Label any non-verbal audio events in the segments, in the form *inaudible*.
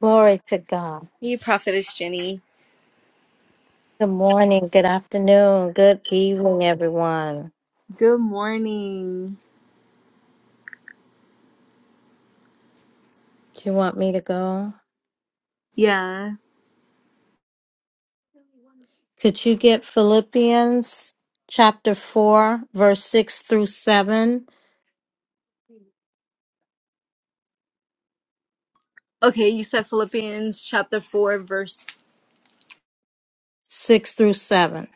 Glory to God. Hey, Prophetess Jenny. Good morning, good afternoon, good evening, everyone. Good morning. Do you want me to go? Yeah. Could you get Philippians chapter 4, verse 6 through 7? Okay, you said Philippians chapter 4, verse. 6 through 7.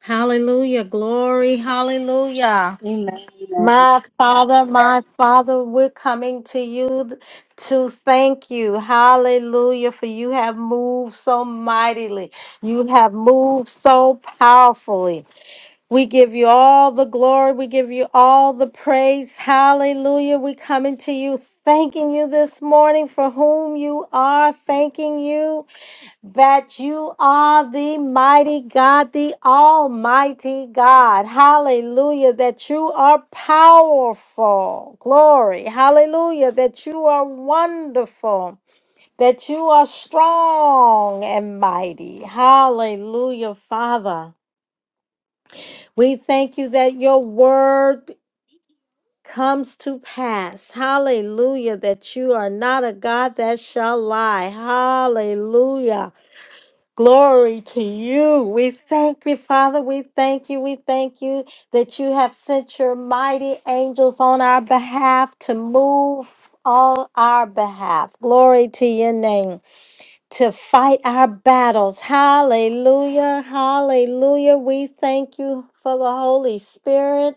Hallelujah, glory, hallelujah. Amen. Amen. My Father, my Father, we're coming to you to thank you. Hallelujah, for you have moved so mightily. You have moved so powerfully. We give you all the glory. We give you all the praise. Hallelujah. We coming to you thanking you this morning for whom you are, thanking you that you are the mighty God, the almighty God. Hallelujah. That you are powerful. Glory. Hallelujah. That you are wonderful. That you are strong and mighty. Hallelujah, Father. We thank you that your word comes to pass. Hallelujah. That you are not a God that shall lie. Hallelujah. Glory to you. We thank you, Father. We thank you. We thank you that you have sent your mighty angels on our behalf to move on our behalf. Glory to your name. To fight our battles. Hallelujah. Hallelujah. We thank you for the Holy Spirit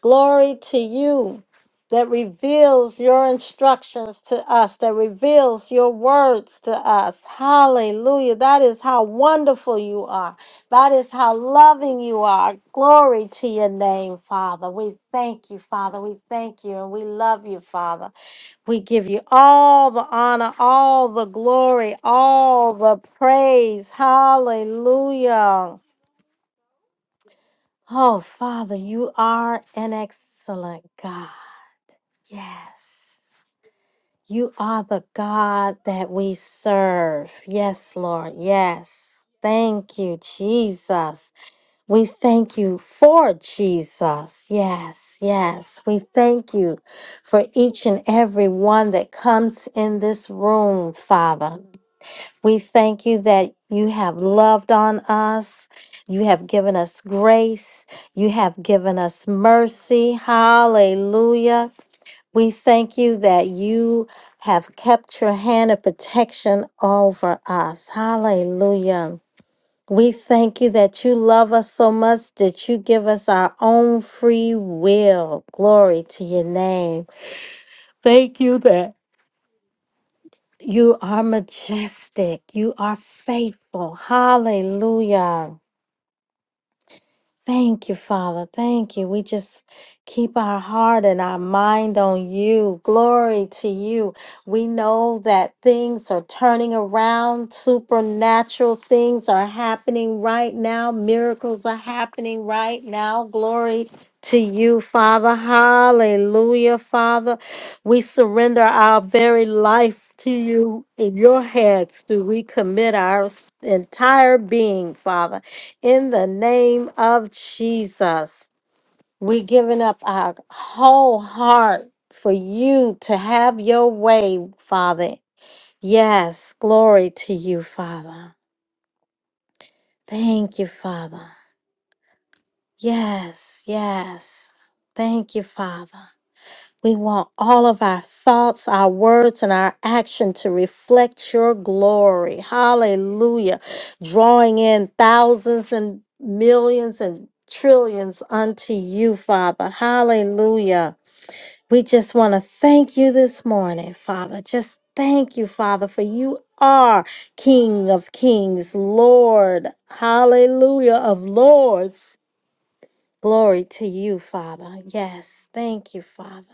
Glory to you that reveals your instructions to us, that reveals your words to us. Hallelujah. That is how wonderful you are. That is how loving you are. Glory to your name, Father. We thank you, Father. We thank you and we love you, Father. We give you all the honor, all the glory, all the praise. Hallelujah. Oh, Father, you are an excellent God. Yes. You are the God that we serve. Yes, Lord. Yes. Thank you, Jesus. We thank you for Jesus. Yes, yes. We thank you for each and every one that comes in this room, Father. We thank you that you have loved on us. You have given us grace. You have given us mercy. Hallelujah. We thank you that you have kept your hand of protection over us. Hallelujah. We thank you that you love us so much that you give us our own free will. Glory to your name. Thank you that you are majestic. You are faithful. Hallelujah. Thank you, Father. Thank you. We just keep our heart and our mind on you. Glory to you. We know that things are turning around. Supernatural things are happening right now. Miracles are happening right now. Glory to you, Father. Hallelujah, Father. We surrender our very life to you. In your hands do we commit our s- entire being, Father in the name of Jesus. We giving up our whole heart for you to have your way, Father. Yes, glory to you, Father. Thank you, Father. Yes, yes. Thank you, Father. We want all of our thoughts, our words, and our action to reflect your glory. Hallelujah. Drawing in thousands and millions and trillions unto you, Father. Hallelujah. We just want to thank you this morning, Father. Just thank you, Father, for you are King of kings, Lord. Hallelujah of lords. Glory to you, Father. Yes. Thank you, Father.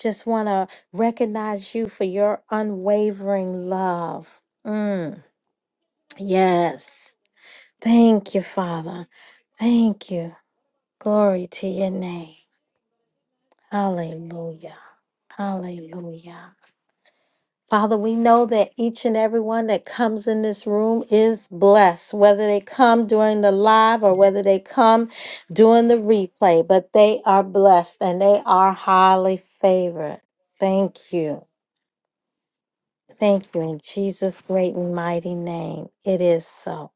Just want to recognize you for your unwavering love. Mm, yes. Thank you, Father. Thank you. Glory to your name. Hallelujah. Hallelujah. Father, we know that each and every one that comes in this room is blessed, whether they come during the live or whether they come during the replay, but they are blessed and they are highly favored. Thank you. Thank you in Jesus' great and mighty name. It is so.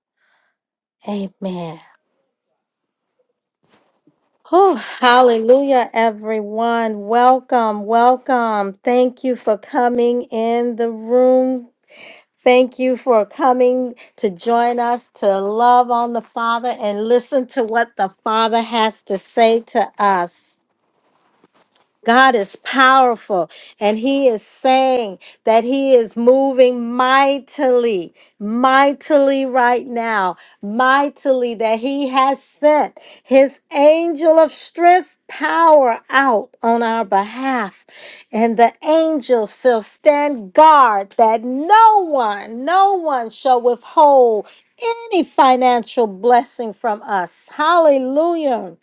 Amen. Oh, hallelujah, everyone. Welcome, welcome. Thank you for coming in the room. Thank you for coming to join us to love on the Father and listen to what the Father has to say to us. God is powerful, and He is saying that He is moving mightily, mightily right now, mightily, that He has sent His angel of strength power out on our behalf. And the angel shall stand guard that no one, no one shall withhold any financial blessing from us. Hallelujah.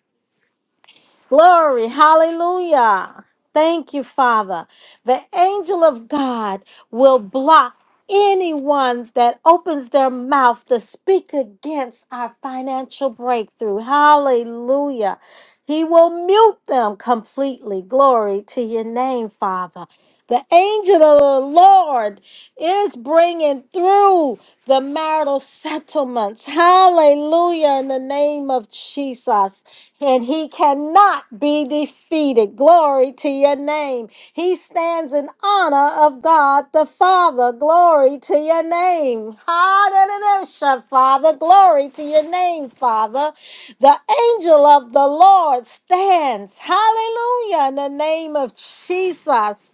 Glory. Hallelujah. Thank you, Father. The angel of God will block anyone that opens their mouth to speak against our financial breakthrough. Hallelujah. He will mute them completely. Glory to your name, Father. The angel of the Lord is bringing through the marital settlements. Hallelujah. In the name of Jesus and he cannot be defeated. Glory to your name. He stands in honor of God the Father. Glory to your name. Hallelujah, Father. Glory to your name, Father. The angel of the Lord stands. Hallelujah, in the name of Jesus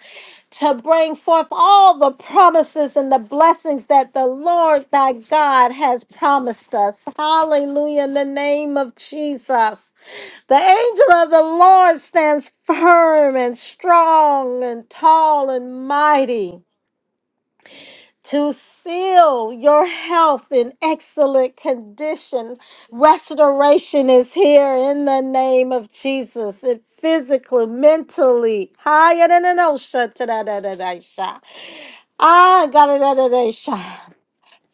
to bring forth all the promises and the blessings that the Lord thy God has promised us. Hallelujah in the name of Jesus. The angel of the Lord stands firm and strong and tall and mighty to seal your health in excellent condition. Restoration is here in the name of Jesus. It physically, mentally. Higher than an ocean. Ah, God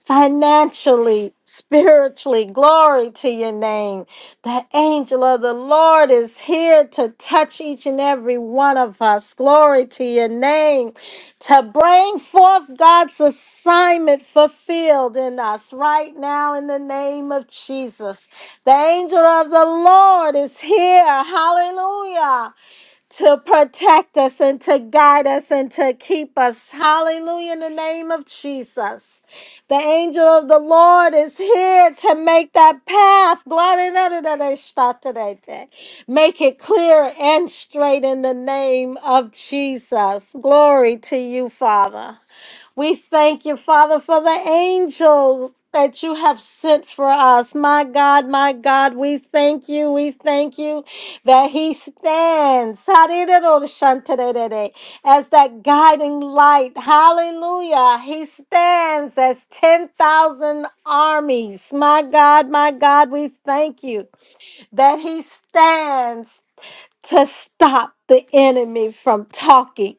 financially, spiritually. Glory to your name. The angel of the Lord is here to touch each and every one of us. Glory to your name. To bring forth God's assignment fulfilled in us right now in the name of Jesus. The angel of the Lord is here. Hallelujah to protect us and to guide us and to keep us. Hallelujah, in the name of Jesus. The angel of the Lord is here to make that path. Glory to the Lord, start today, day. Make it clear and straight in the name of Jesus. Glory to you, Father. We thank you, Father, for the angels that you have sent for us. My God, my God, we thank you. We thank you that He stands as that guiding light. Hallelujah. He stands as 10,000 armies. My God, my God, we thank you that He stands to stop the enemy from talking,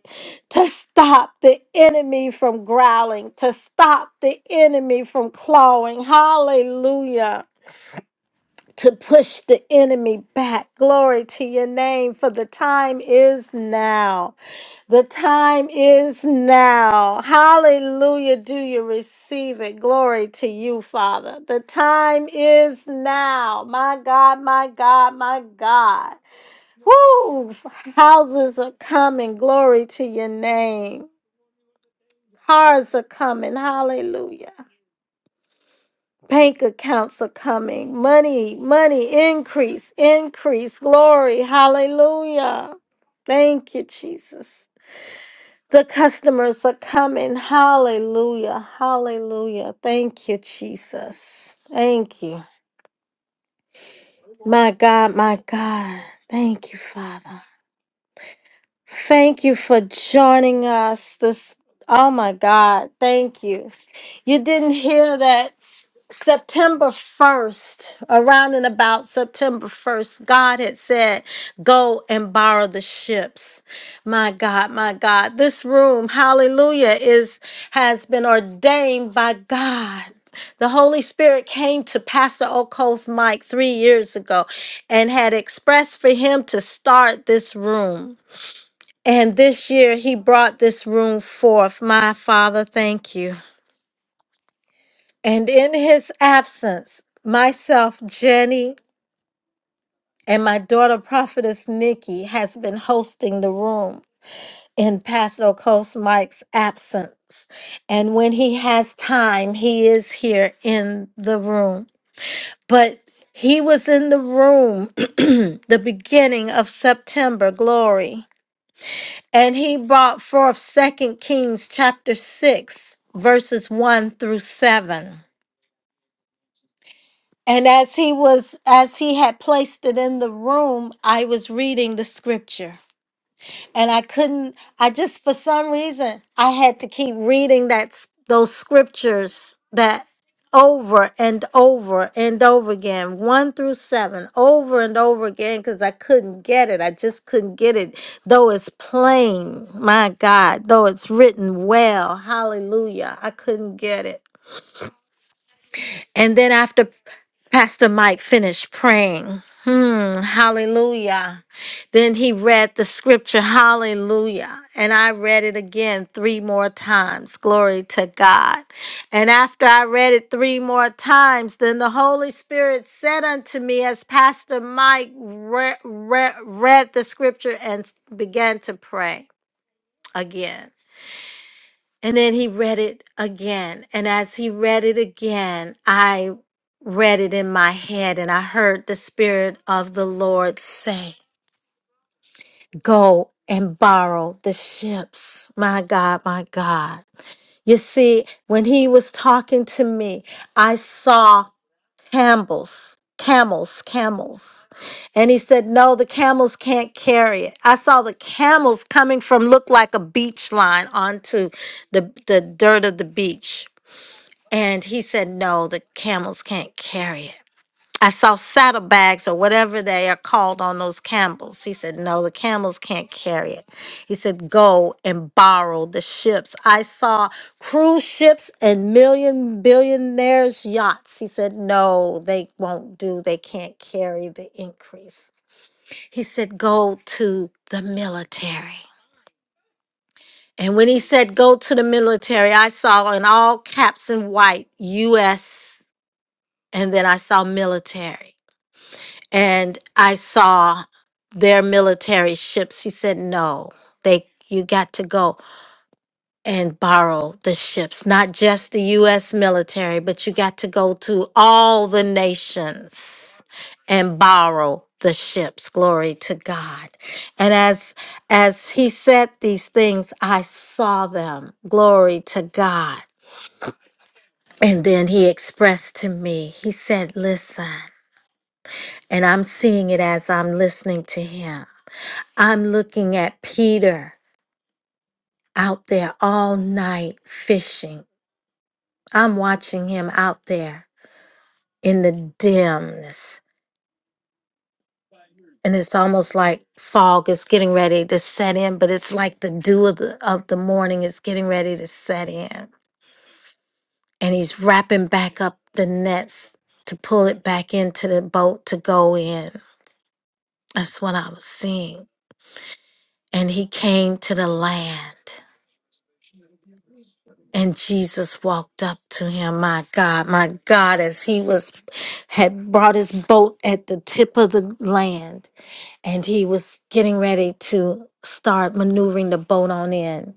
to stop the enemy from growling, to stop the enemy from clawing. Hallelujah. To push the enemy back. Glory to your name, for the time is now. The time is now. Hallelujah. Do you receive it? Glory to you, Father. The time is now. My God, my God, my God. Woo! Houses are coming. Glory to your name. Cars are coming. Hallelujah. Bank accounts are coming. Money, money, increase, increase. Glory. Hallelujah. Thank you, Jesus. The customers are coming. Hallelujah. Hallelujah. Thank you, Jesus. Thank you. My God, my God. Thank you, Father. Thank you for joining us this. Oh my God, thank you. You didn't hear that September 1st, around and about September 1st, God had said, Go and borrow the ships. My God, my God. This room, hallelujah, is has been ordained by God. The Holy Spirit came to Pastor Okoth Mike three years ago and had expressed for him to start this room. And this year he brought this room forth. My Father, thank you. And in his absence, myself, Jenny, and my daughter, Prophetess Nikki, has been hosting the room in Pastor Coast Mike's absence. And when he has time, he is here in the room. But he was in the room *clears throat* the beginning of September, glory. And he brought forth Second Kings chapter six, verses one through seven. And as he was as he had placed it in the room, I was reading the scripture and I couldn't I just for some reason I had to keep reading that s- those scriptures that over and over and over again 1 through 7 over and over again cuz I couldn't get it I just couldn't get it though it's plain my god though it's written well hallelujah I couldn't get it and then after Pastor Mike finished praying, hmm, hallelujah. Then he read the scripture, hallelujah. And I read it again three more times. Glory to God. And after I read it three more times, then the Holy Spirit said unto me, as Pastor Mike re- re- read the scripture and began to pray again. And then he read it again. And as he read it again, I read it in my head and I heard the Spirit of the Lord say, Go and borrow the ships. My God, my God. You see, when he was talking to me, I saw camels, camels, camels. And he said, No, the camels can't carry it. I saw the camels coming from look like a beach line onto the, the dirt of the beach. And he said, No, the camels can't carry it. I saw saddlebags or whatever they are called on those camels. He said, No, the camels can't carry it. He said, Go and borrow the ships. I saw cruise ships and million billionaires' yachts. He said, No, they won't do. They can't carry the increase. He said, Go to the military. And when he said, Go to the military, I saw in all caps and white, U.S. and then I saw military and I saw their military ships. He said, "No, they you got to go and borrow the ships, not just the US military, but you got to go to all the nations and borrow the ships. Glory to God." And as as he said these things, I saw them. Glory to God. And then he expressed to me, he said, Listen. and I'm seeing it as I'm listening to him. I'm looking at Peter out there all night fishing. I'm watching him out there in the dimness. And it's almost like fog is getting ready to set in, but it's like the dew of the, of the morning is getting ready to set in. And he's wrapping back up the nets to pull it back into the boat to go in. That's what I was seeing. And he came to the land. And Jesus walked up to him, my God, my God, as he was had brought his boat at the tip of the land, and he was getting ready to start maneuvering the boat on in.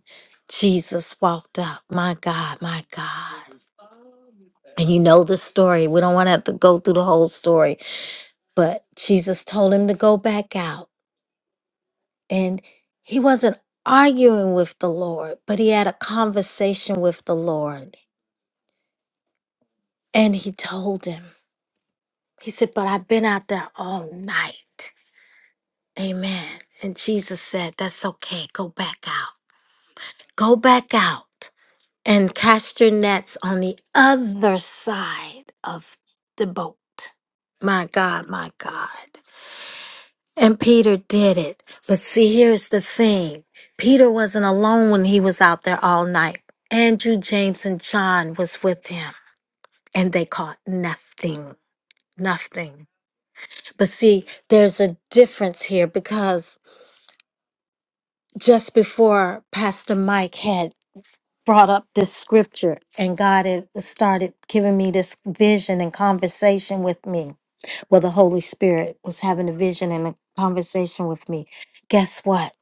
Jesus walked up, my God, my God. And you know the story. We don't want to have to go through the whole story, but Jesus told him to go back out. And he wasn't arguing with the Lord, but he had a conversation with the Lord. And he told him. He said, But I've been out there all night. Amen. And Jesus said, That's okay. Go back out. Go back out and cast your nets on the other side of the boat. My God, my God. And Peter did it. But see, here's the thing Peter wasn't alone when he was out there all night. Andrew, James, and John was with him, and they caught nothing. Nothing. But see, there's a difference here because just before Pastor Mike had brought up this scripture and God had started giving me this vision and conversation with me, well, the Holy Spirit was having a vision and a conversation with me. Guess what?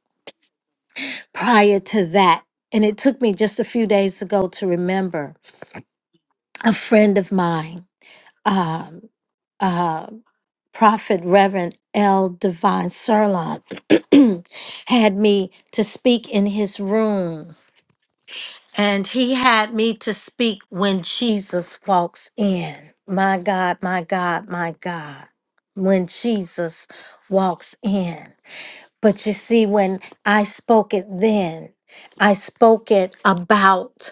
Prior to that, and it took me just a few days ago to remember a friend of mine. Um, uh, Prophet Reverend L. Divine Serlon *clears throat* had me to speak in his room, and he had me to speak when Jesus walks in. My God, my God, my God, when Jesus walks in. But you see, when I spoke it then, I spoke it about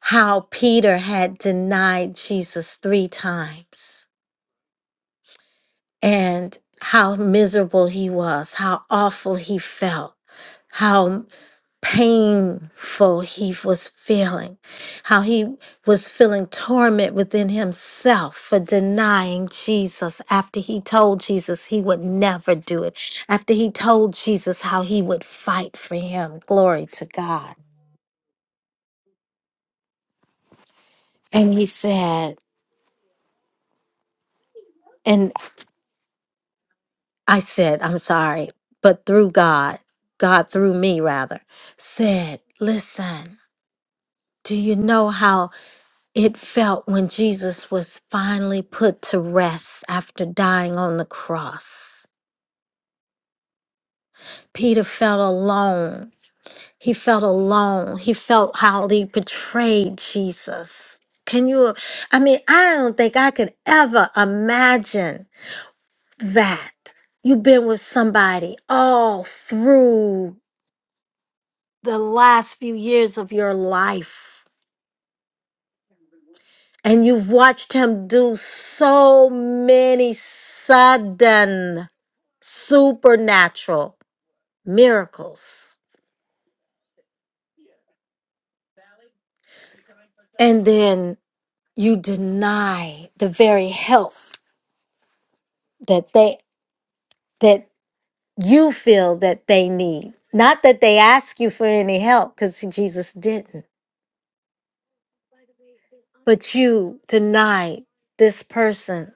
how Peter had denied Jesus three times. and how miserable he was, how awful he felt, how painful he was feeling, how he was feeling torment within himself for denying Jesus after he told Jesus he would never do it, after he told Jesus how he would fight for him. Glory to God. And he said, and I said, I'm sorry, but through God, God through me rather, said, Listen. Do you know how it felt when Jesus was finally put to rest after dying on the cross? Peter felt alone. He felt alone. He felt how he betrayed Jesus. Can you? I mean, I don't think I could ever imagine that. You've been with somebody all through the last few years of your life And you've watched him do so many sudden supernatural miracles. And then you deny the very help that they that you feel that they need. Not that they ask you for any help cuz Jesus didn't, but you deny this person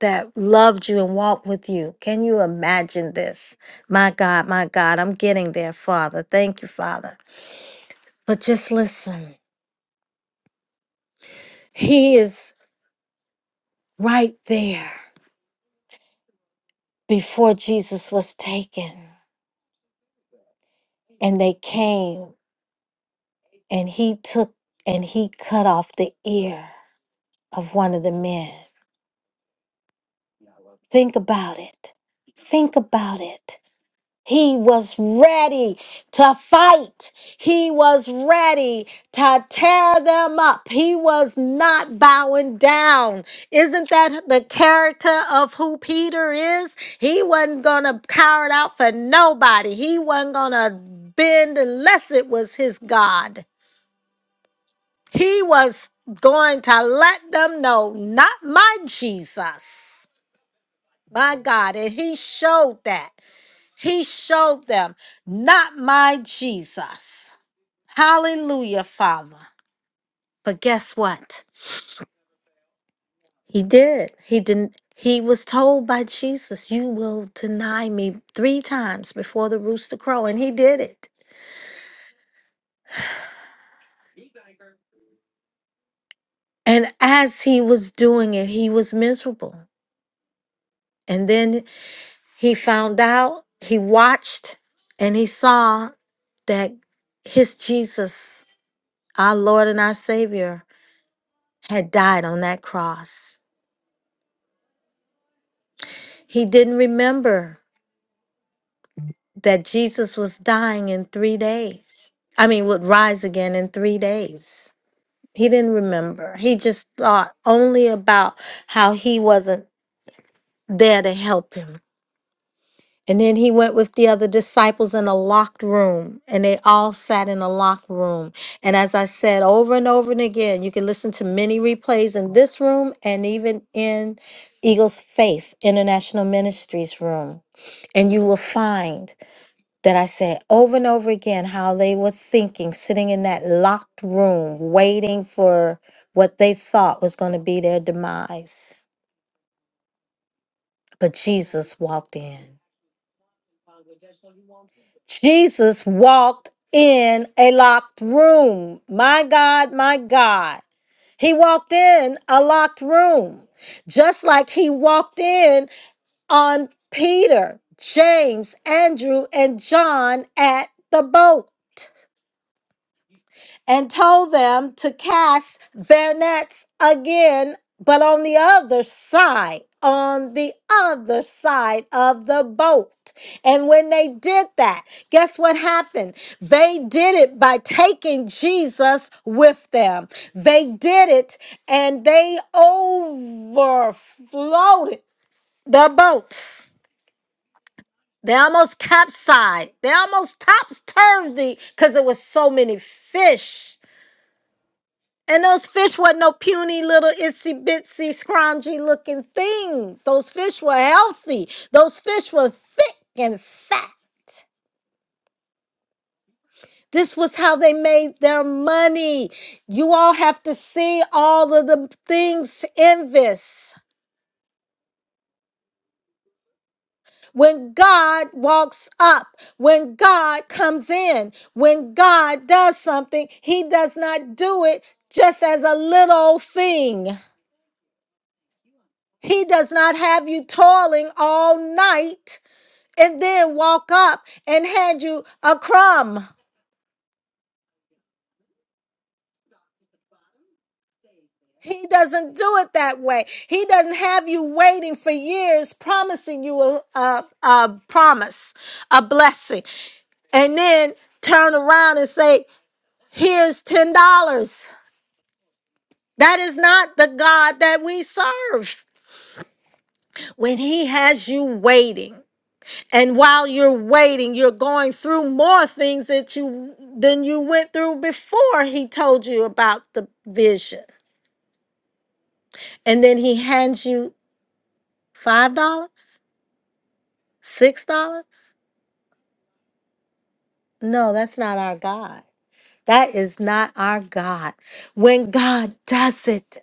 that loved you and walked with you. Can you imagine this? My God, my God, I'm getting there, Father. Thank you, Father. But just listen, He is right there before Jesus was taken. And they came and He took and He cut off the ear of one of the men. Think about it. Think about it. He was ready to fight. He was ready to tear them up. He was not bowing down. Isn't that the character of who Peter is? He wasn't going to cower it out for nobody. He wasn't going to bend unless it was his God. He was going to let them know, not my Jesus, my God. And he showed that. He showed them, not my Jesus. Hallelujah, Father. But guess what? He did. He didn't. He was told by Jesus, You will deny me three times before the rooster crow. And he did it. And as he was doing it, he was miserable. And then he found out, he watched, and he saw that his Jesus, our Lord and our Savior, had died on that cross. He didn't remember that Jesus was dying in three days. I mean, would rise again in three days. He didn't remember. He just thought only about how he wasn't there to help him. And then he went with the other disciples in a locked room, and they all sat in a locked room. And as I said over and over and again, you can listen to many replays in this room and even in Eagles Faith International Ministries room and you will find that I said over and over again how they were thinking, sitting in that locked room, waiting for what they thought was going to be their demise. But Jesus walked in. Jesus walked in a locked room. My God, my God. He walked in a locked room, just like he walked in on Peter, James, Andrew, and John at the boat. and told them to cast their nets again, but on the other side, on the other side of the boat. And when they did that, guess what happened? They did it by taking Jesus with them. They did it and they overflowed the boats. They almost capsized. They almost tops turned the because it was so many fish And those fish were no puny little itsy bitsy scroungy looking things. Those fish were healthy. Those fish were thick and fat. This was how they made their money. You all have to see all of the things in this. When God walks up, when God comes in, when God does something, He does not do it just as a little thing. He does not have you toiling all night and then walk up and hand you a crumb. He doesn't do it that way. He doesn't have you waiting for years promising you a, a, a promise, a blessing, and then turn around and say, Here's $10. That is not the God that we serve. When He has you waiting, and while you're waiting, you're going through more things that you than you went through before he told you about the vision. and then he hands you five dollars six dollars no that's not our god that is not our god when god does it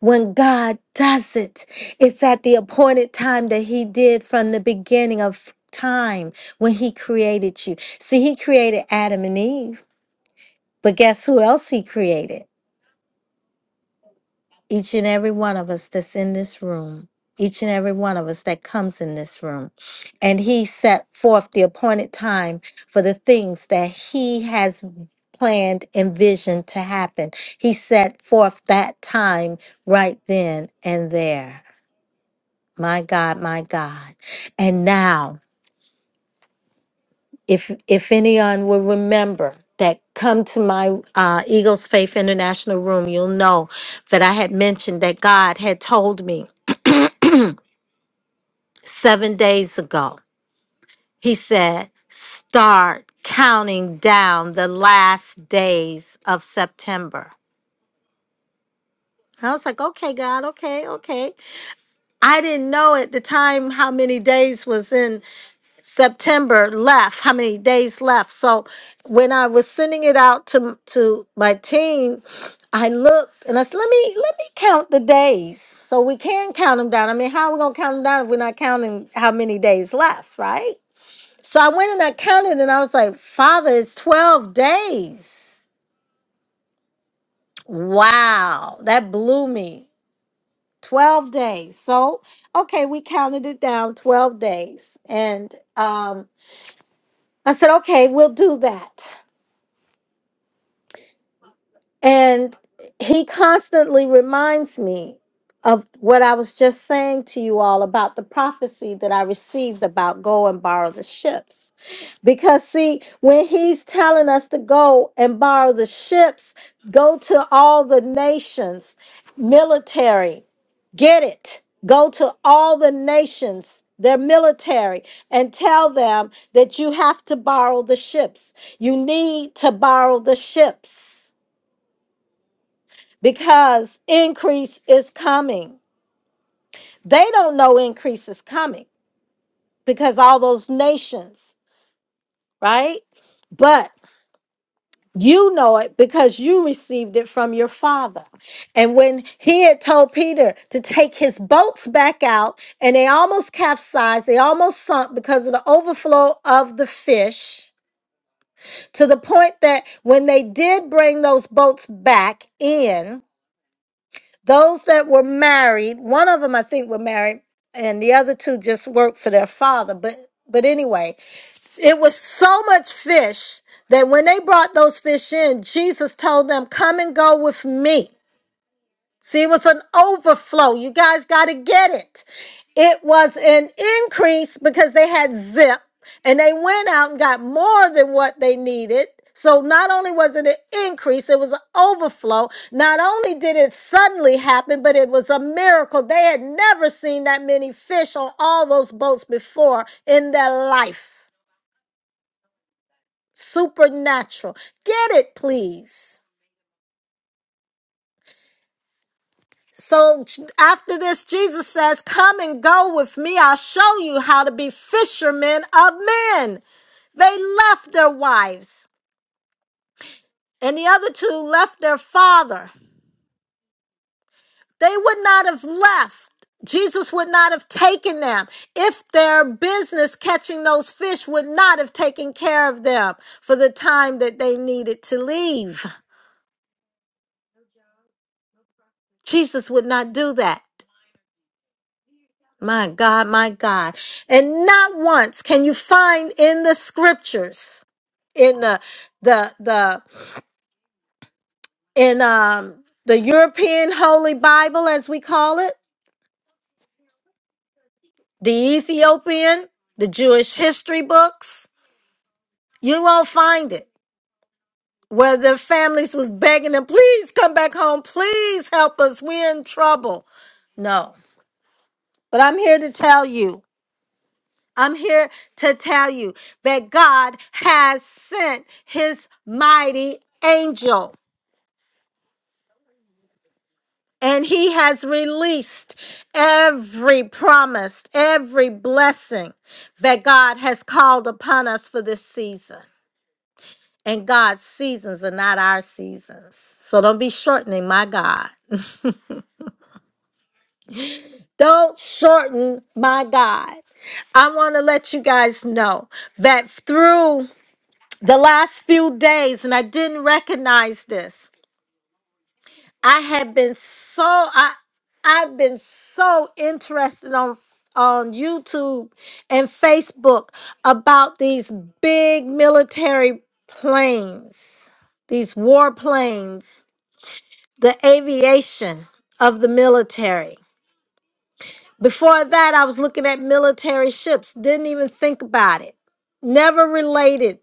when god does it it's at the appointed time that he did from the beginning of time when he created you see he created adam and eve but guess who else he created each and every one of us that's in this room, each and every one of us that comes in this room. And he set forth the appointed time for the things that he has planned and visioned to happen. He set forth that time right then and there. My God, my God. And now, if if anyone will remember that come to my uh, Eagles Faith International room, you'll know that I had mentioned that God had told me seven days ago. He said, Start counting down the last days of September. I was like, okay, God, okay, okay. I didn't know at the time how many days was in September left, how many days left. So when I was sending it out to to my team, I looked and I said, let me let me count the days so we can count them down. I mean, how are we gonna count them down if we're not counting how many days left, right? So I went and I counted and I was like, Father, it's 12 days. Wow, that blew me. 12 days. So, okay, we counted it down 12 days. And um, I said, okay, we'll do that. And he constantly reminds me of what I was just saying to you all about the prophecy that I received about go and borrow the ships. Because, see, when he's telling us to go and borrow the ships, go to all the nations, military, get it. Go to all the nations, their military, and tell them that you have to borrow the ships. You need to borrow the ships because increase is coming. They don't know increase is coming because all those nations, right? But you know it because you received it from your father. And when he had told Peter to take his boats back out, and they almost capsized, they almost sunk because of the overflow of the fish, to the point that when they did bring those boats back in, Those that were married, one of them I think were married, and the other two just worked for their father. But but anyway, it was so much fish that when they brought those fish in, Jesus told them, "Come and go with me." See, it was an overflow. You guys got to get it. It was an increase because they had zip and they went out and got more than what they needed. So not only was it an increase, it was an overflow. Not only did it suddenly happen, but it was a miracle. They had never seen that many fish on all those boats before in their life. Supernatural. Get it, please. So after this, Jesus says, Come and go with me. I'll show you how to be fishermen of men. They left their wives, and the other two left their father. They would not have left. Jesus would not have taken them if their business catching those fish would not have taken care of them for the time that they needed to leave. Jesus would not do that. My God, my God. And not once can you find in the scriptures, in the the the in um the European Holy Bible as we call it, the Ethiopian, the Jewish history books, you won't find it. Where the families was begging them, please come back home, please help us. We're in trouble. No. But I'm here to tell you. I'm here to tell you that God has sent his mighty angel and he has released every promise, every blessing that God has called upon us for this season. And God's seasons are not our seasons. So don't be shortening my God. Don't shorten my God. I want to let you guys know that through the last few days and I didn't recognize this. I had been so I I've been so interested on on YouTube and Facebook about these big military planes, these war planes, the aviation of the military. Before that, I was looking at military ships, didn't even think about it, never related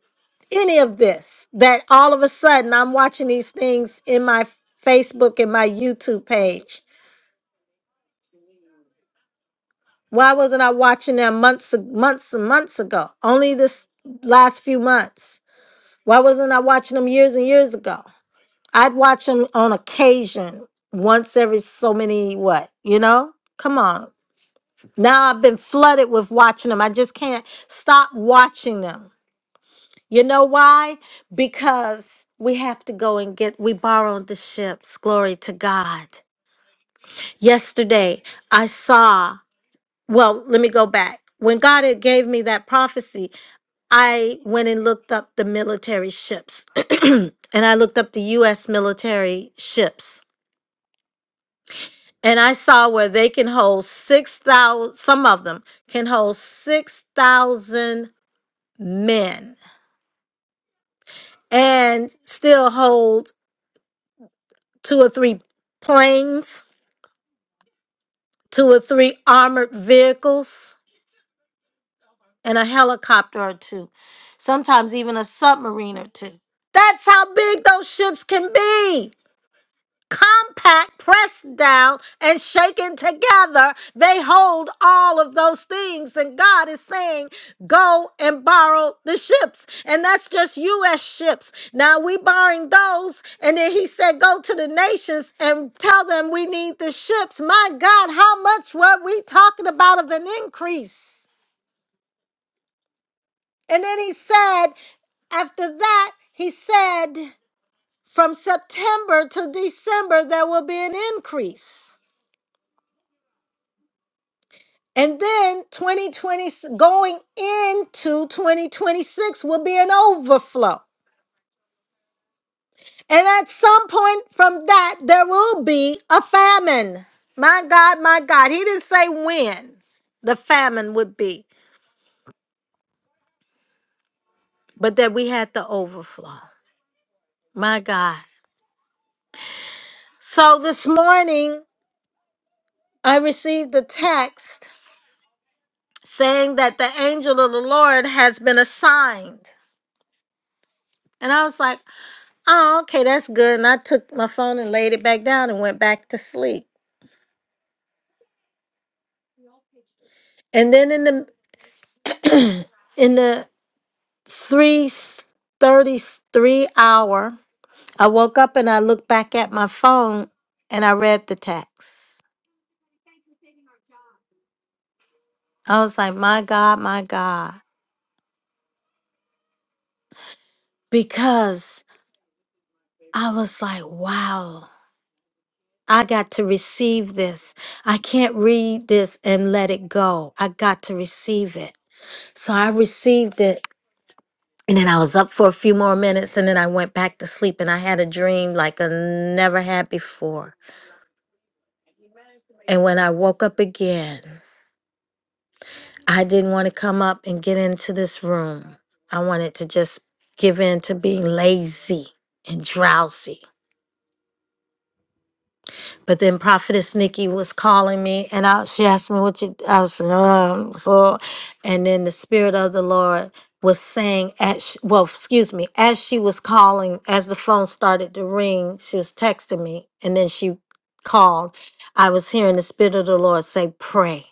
any of this. That all of a sudden I'm watching these things in my Facebook and my YouTube page. Why wasn't I watching them months, months and months ago? Only this last few months. Why wasn't I watching them years and years ago? I'd watch them on occasion, once every so many what, you know? Come on. Now I've been flooded with watching them. I just can't stop watching them. You know why? Because we have to go and get, we borrowed the ships. Glory to God. Yesterday, I saw, well, let me go back. When God had gave me that prophecy, I went and looked up the military ships *clears throat* and I looked up the U.S. military ships. And I saw where they can hold 6,000, some of them can hold 6,000 men and still hold two or three planes, two or three armored vehicles, and a helicopter or two, sometimes even a submarine or two. That's how big those ships can be. compact, pressed down, and shaken together. They hold all of those things. And God is saying, go and borrow the ships. And that's just U.S. ships. Now we borrowing those. And then he said, go to the nations and tell them we need the ships. My God, how much were we talking about of an increase? And then he said, after that, he said, from September to December, there will be an increase. And then 2020 going into 2026 will be an overflow. And at some point from that, there will be a famine. My God, my God. He didn't say when the famine would be, but that we had the overflow. My God. So this morning, I received a text saying that the angel of the Lord has been assigned. And I was like, Oh, okay, that's good. And I took my phone and laid it back down and went back to sleep. And then in the in the three thirty three hour, I woke up and I looked back at my phone and I read the text. I was like, my God, my God. Because I was like, wow, I got to receive this. I can't read this and let it go. I got to receive it. So I received it And then I was up for a few more minutes and then I went back to sleep and I had a dream like I never had before. And when I woke up again, I didn't want to come up and get into this room. I wanted to just give in to being lazy and drowsy. But then Prophetess Nikki was calling me, and I, she asked me what you. I was um, so, and then the Spirit of the Lord was saying at sh- well, excuse me, as she was calling, as the phone started to ring, she was texting me, and then she called. I was hearing the Spirit of the Lord say, "Pray."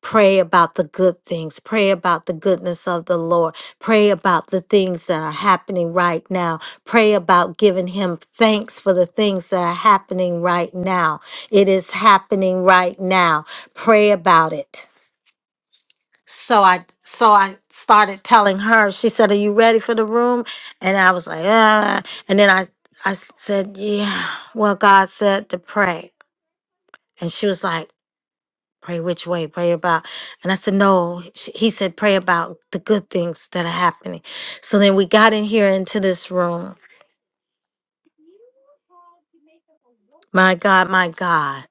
Pray about the good things. Pray about the goodness of the Lord. Pray about the things that are happening right now. Pray about giving Him thanks for the things that are happening right now. It is happening right now. Pray about it. So I so I started telling her. She said, "Are you ready for the room?" And I was like, "Uh." And then I I said, "Yeah." Well, God said to pray, and she was like. Pray which way? Pray about. And I said, no. Sh- He said, pray about the good things that are happening. So then we got in here into this room. My God, my God.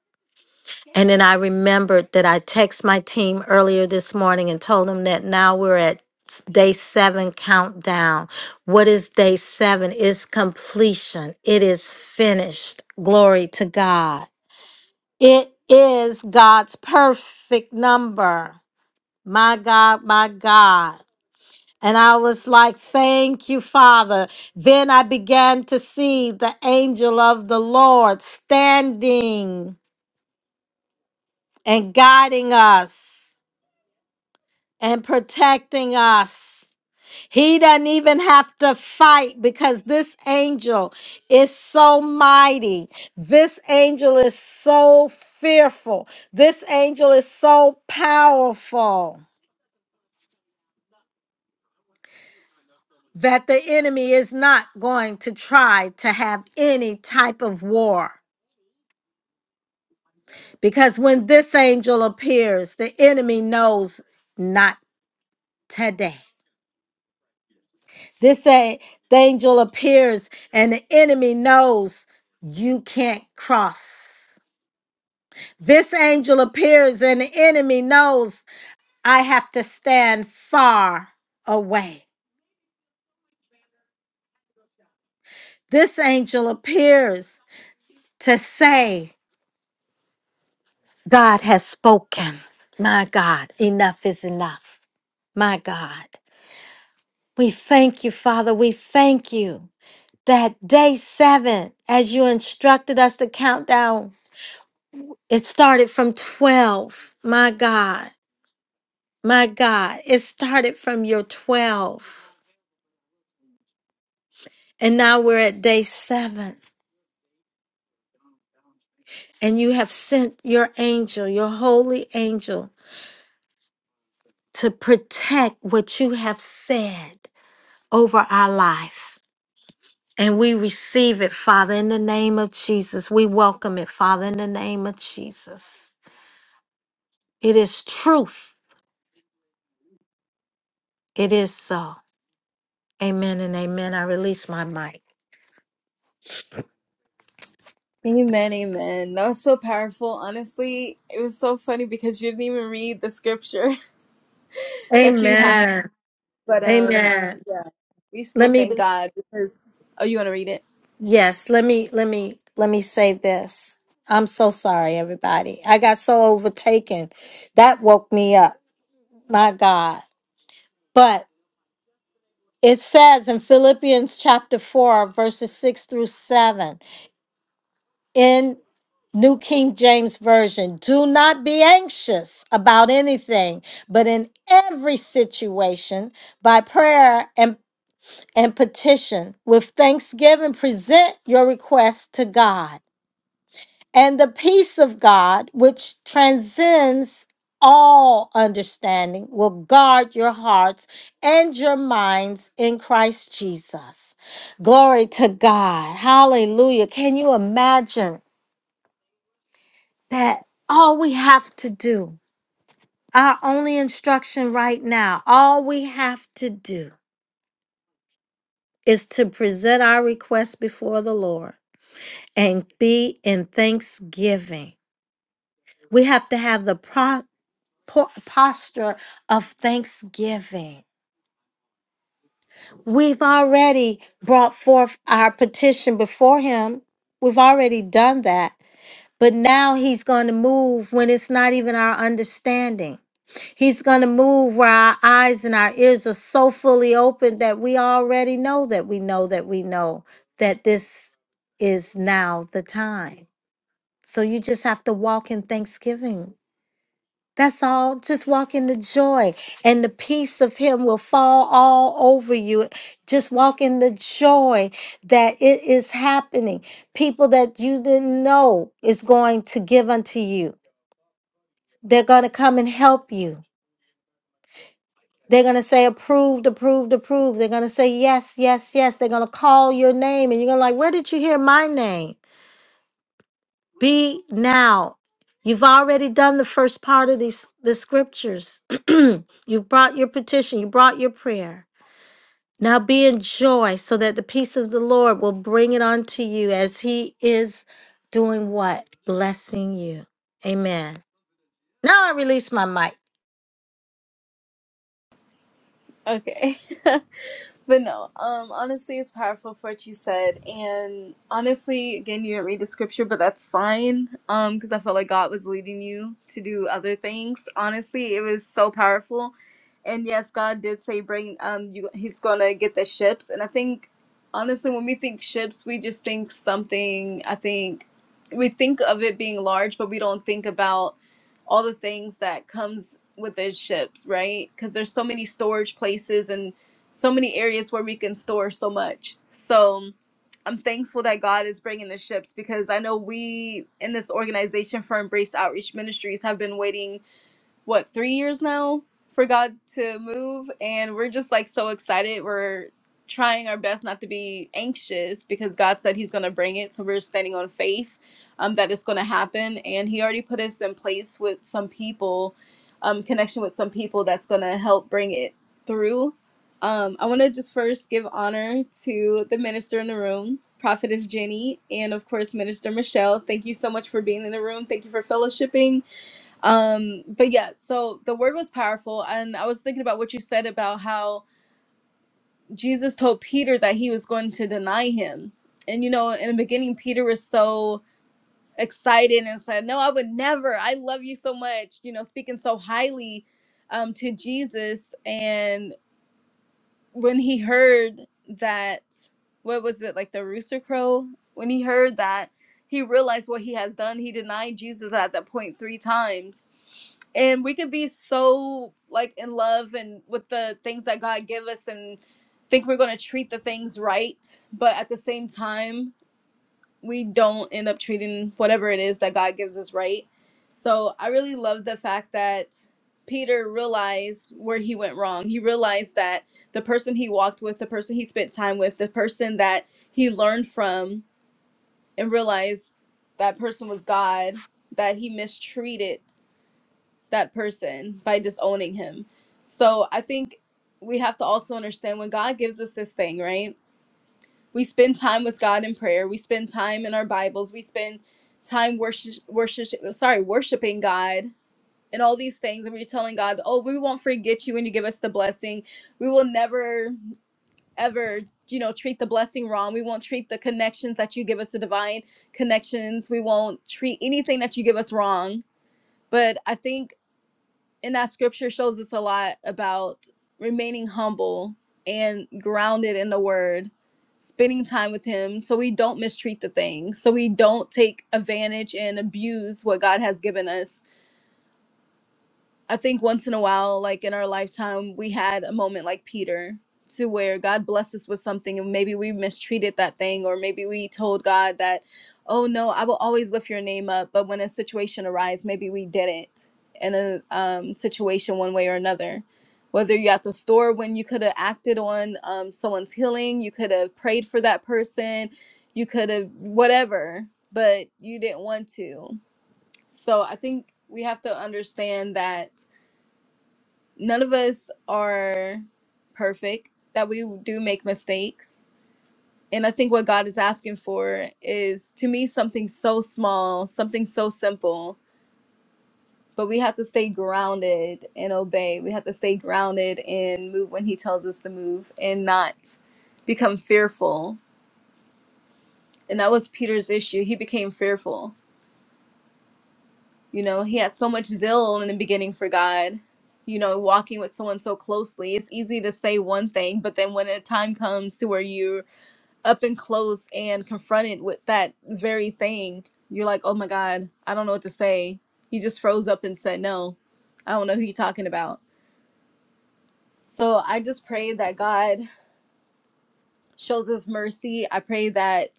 And then I remembered that I texted my team earlier this morning and told them that now we're at s- day seven countdown. What is day seven? It's completion, it is finished. Glory to God. It is God's perfect number. My God, my God. And I was like, Thank you, Father. Then I began to see the angel of the Lord standing and guiding us and protecting us. He doesn't even have to fight because this angel is so mighty. This angel is so fearful. This angel is so powerful that the enemy is not going to try to have any type of war. Because when this angel appears, the enemy knows not today. This a- the angel appears, and the enemy knows you can't cross. This angel appears, and the enemy knows I have to stand far away. This angel appears to say, God has spoken. My God, enough is enough. My God, we thank you, Father. We thank you. that day seven, as you instructed us to count down, it started from 12. My God, my God, it started from your 12. And now we're at day seven. And you have sent your angel, your holy angel, to protect what you have said over our life. And we receive it, Father, in the name of Jesus. We welcome it, Father, in the name of Jesus. It is truth. It is so. Amen and amen. I release my mic. Amen. Amen. That was so powerful. Honestly, it was so funny because you didn't even read the scripture *laughs* that you had. Amen. But um, Amen. yeah, we Let still me thank God because. Oh, you want to read it? yes, let me let me let me say this. I'm so sorry everybody. I got so overtaken. That woke me up. My God. But it says in Philippians chapter 4 verses 6 through 7 in New King James Version, do not be anxious about anything, but in every situation by prayer and and petition. With thanksgiving, present your request to God. And the peace of God, which transcends all understanding, will guard your hearts and your minds in Christ Jesus. Glory to God. Hallelujah. Can you imagine that all we have to do, our only instruction right now, all we have to do is to present our request before the Lord and be in thanksgiving. We have to have the pro- po- posture of thanksgiving. We've already brought forth our petition before Him, we've already done that. But now He's going to move when it's not even our understanding. He's going to move where our eyes and our ears are so fully open that we already know that we know that we know that this is now the time. So you just have to walk in thanksgiving. That's all. Just walk in the joy, and the peace of Him will fall all over you. Just walk in the joy that it is happening. People that you didn't know is going to give unto you, they're going to come and help you. They're going to say, approved, approved, approved. They're going to say, yes, yes, yes. They're going to call your name, and you're going to like, where did you hear my name? Be now. You've already done the first part of these the scriptures. *clears throat* You've brought your petition, you brought your prayer. Now be in joy so that the peace of the Lord will bring it unto you as he is doing what? Blessing you. Amen. Now I release my mic. Okay. *laughs* But no, um, honestly, it's powerful for what you said, and honestly, again, you didn't read the scripture, but that's fine, um, because I felt like God was leading you to do other things. Honestly, it was so powerful, and yes, God did say, "Bring um, you." He's gonna get the ships, and I think, honestly, when we think ships, we just think something. I think we think of it being large, but we don't think about all the things that comes with those ships, right? Because there's so many storage places and so many areas where we can store so much. So I'm thankful that God is bringing the ships because I know we in this organization for Embrace Outreach Ministries have been waiting what three years now for God to move, and we're just like so excited. We're trying our best not to be anxious because God said He's going to bring it, so we're standing on faith um, that it's going to happen, and He already put us in place with some people, um, connection with some people that's going to help bring it through. Um, I want to just first give honor to the minister in the room, Prophetess Jenny, and of course, Minister Michelle. Thank you so much for being in the room. Thank you for fellowshipping. Um, but yeah, so the word was powerful, and I was thinking about what you said about how Jesus told Peter that he was going to deny him. And you know, in the beginning, Peter was so excited and said, No, I would never. I love you so much, you know, speaking so highly um to Jesus. And when he heard that, what was it, like the rooster crow? When he heard that, he realized what he has done. He denied Jesus at that point three times and we could be so like in love and with the things that God give us and think we're going to treat the things right, but at the same time, we don't end up treating whatever it is that God gives us right. So I really love the fact that Peter realized where he went wrong. He realized that the person he walked with, the person he spent time with, the person that he learned from and realized that person was God, that he mistreated that person by disowning him. So I think we have to also understand when God gives us this thing, right? We spend time with God in prayer. We spend time in our Bibles. We spend time worship, worship sorry, worshiping God and all these things. And we're telling God, oh, we won't forget you when you give us the blessing. We will never, ever, you know, treat the blessing wrong. We won't treat the connections that you give us, the divine connections. We won't treat anything that you give us wrong. But I think and that scripture shows us a lot about remaining humble and grounded in the word spending time with him so we don't mistreat the things, so we don't take advantage and abuse what god has given us I think once in a while, like in our lifetime, we had a moment like Peter to where God blessed us with something and maybe we mistreated that thing, or maybe we told God that, oh no, I will always lift your name up. But when a situation arises, maybe we didn't in a um, situation one way or another. Whether you're at the store when you could have acted on um, someone's healing, you could have prayed for that person, you could have whatever, but you didn't want to. So I think we have to understand that none of us are perfect, that we do make mistakes. And I think what God is asking for is to me something so small, something so simple, but we have to stay grounded and obey. We have to stay grounded and move when He tells us to move and not become fearful. And that was Peter's issue. He became fearful You know, he had so much zeal in the beginning for God. You know, walking with someone so closely, it's easy to say one thing, but then when a time comes to where you're up and close and confronted with that very thing, you're like, oh my God, I don't know what to say. He just froze up and said, no, I don't know who you're talking about. So I just pray that God shows us mercy. I pray that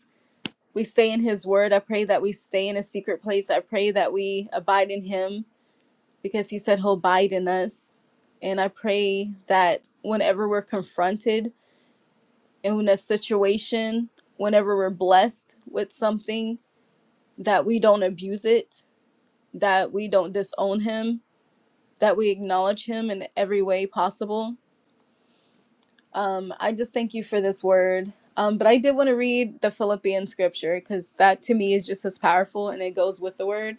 we stay in his word. I pray that we stay in a secret place. I pray that we abide in him because he said he'll abide in us. And I pray that whenever we're confronted in a situation, whenever we're blessed with something, that we don't abuse it, that we don't disown him, that we acknowledge him in every way possible. Um, I just thank you for this word. Um, but I did want to read the Philippian scripture because that to me is just as powerful and it goes with the word.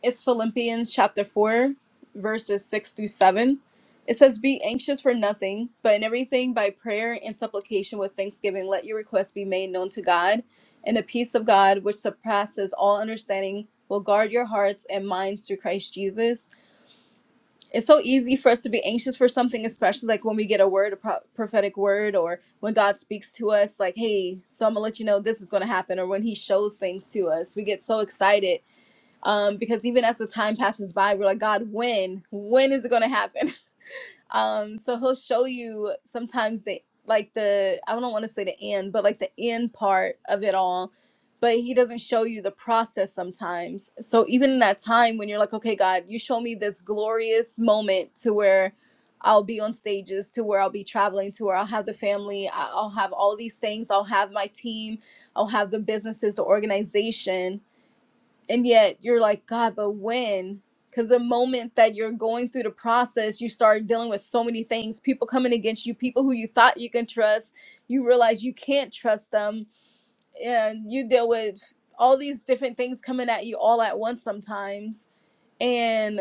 It's Philippians chapter 4, verses 6 through 7. It says, Be anxious for nothing, but in everything by prayer and supplication with thanksgiving, let your requests be made known to God, and the peace of God, which surpasses all understanding, will guard your hearts and minds through Christ Jesus. It's so easy for us to be anxious for something, especially like when we get a word, a pro- prophetic word, or when God speaks to us, like, Hey, so I'm gonna let you know this is gonna happen, or when He shows things to us. We get so excited um, because even as the time passes by, we're like, God, when? When is it going to happen? *laughs* Um, so He'll show you sometimes the like the I don't want to say the end, but like the end part of it all. But He doesn't show you the process sometimes. So even in that time when you're like, okay, God, you show me this glorious moment to where I'll be on stages, to where I'll be traveling, to where I'll have the family, I- I'll have all these things, I'll have my team, I'll have the businesses, the organization and yet you're like god but when because the moment that you're going through the process you start dealing with so many things people coming against you people who you thought you can trust you realize you can't trust them and you deal with all these different things coming at you all at once sometimes and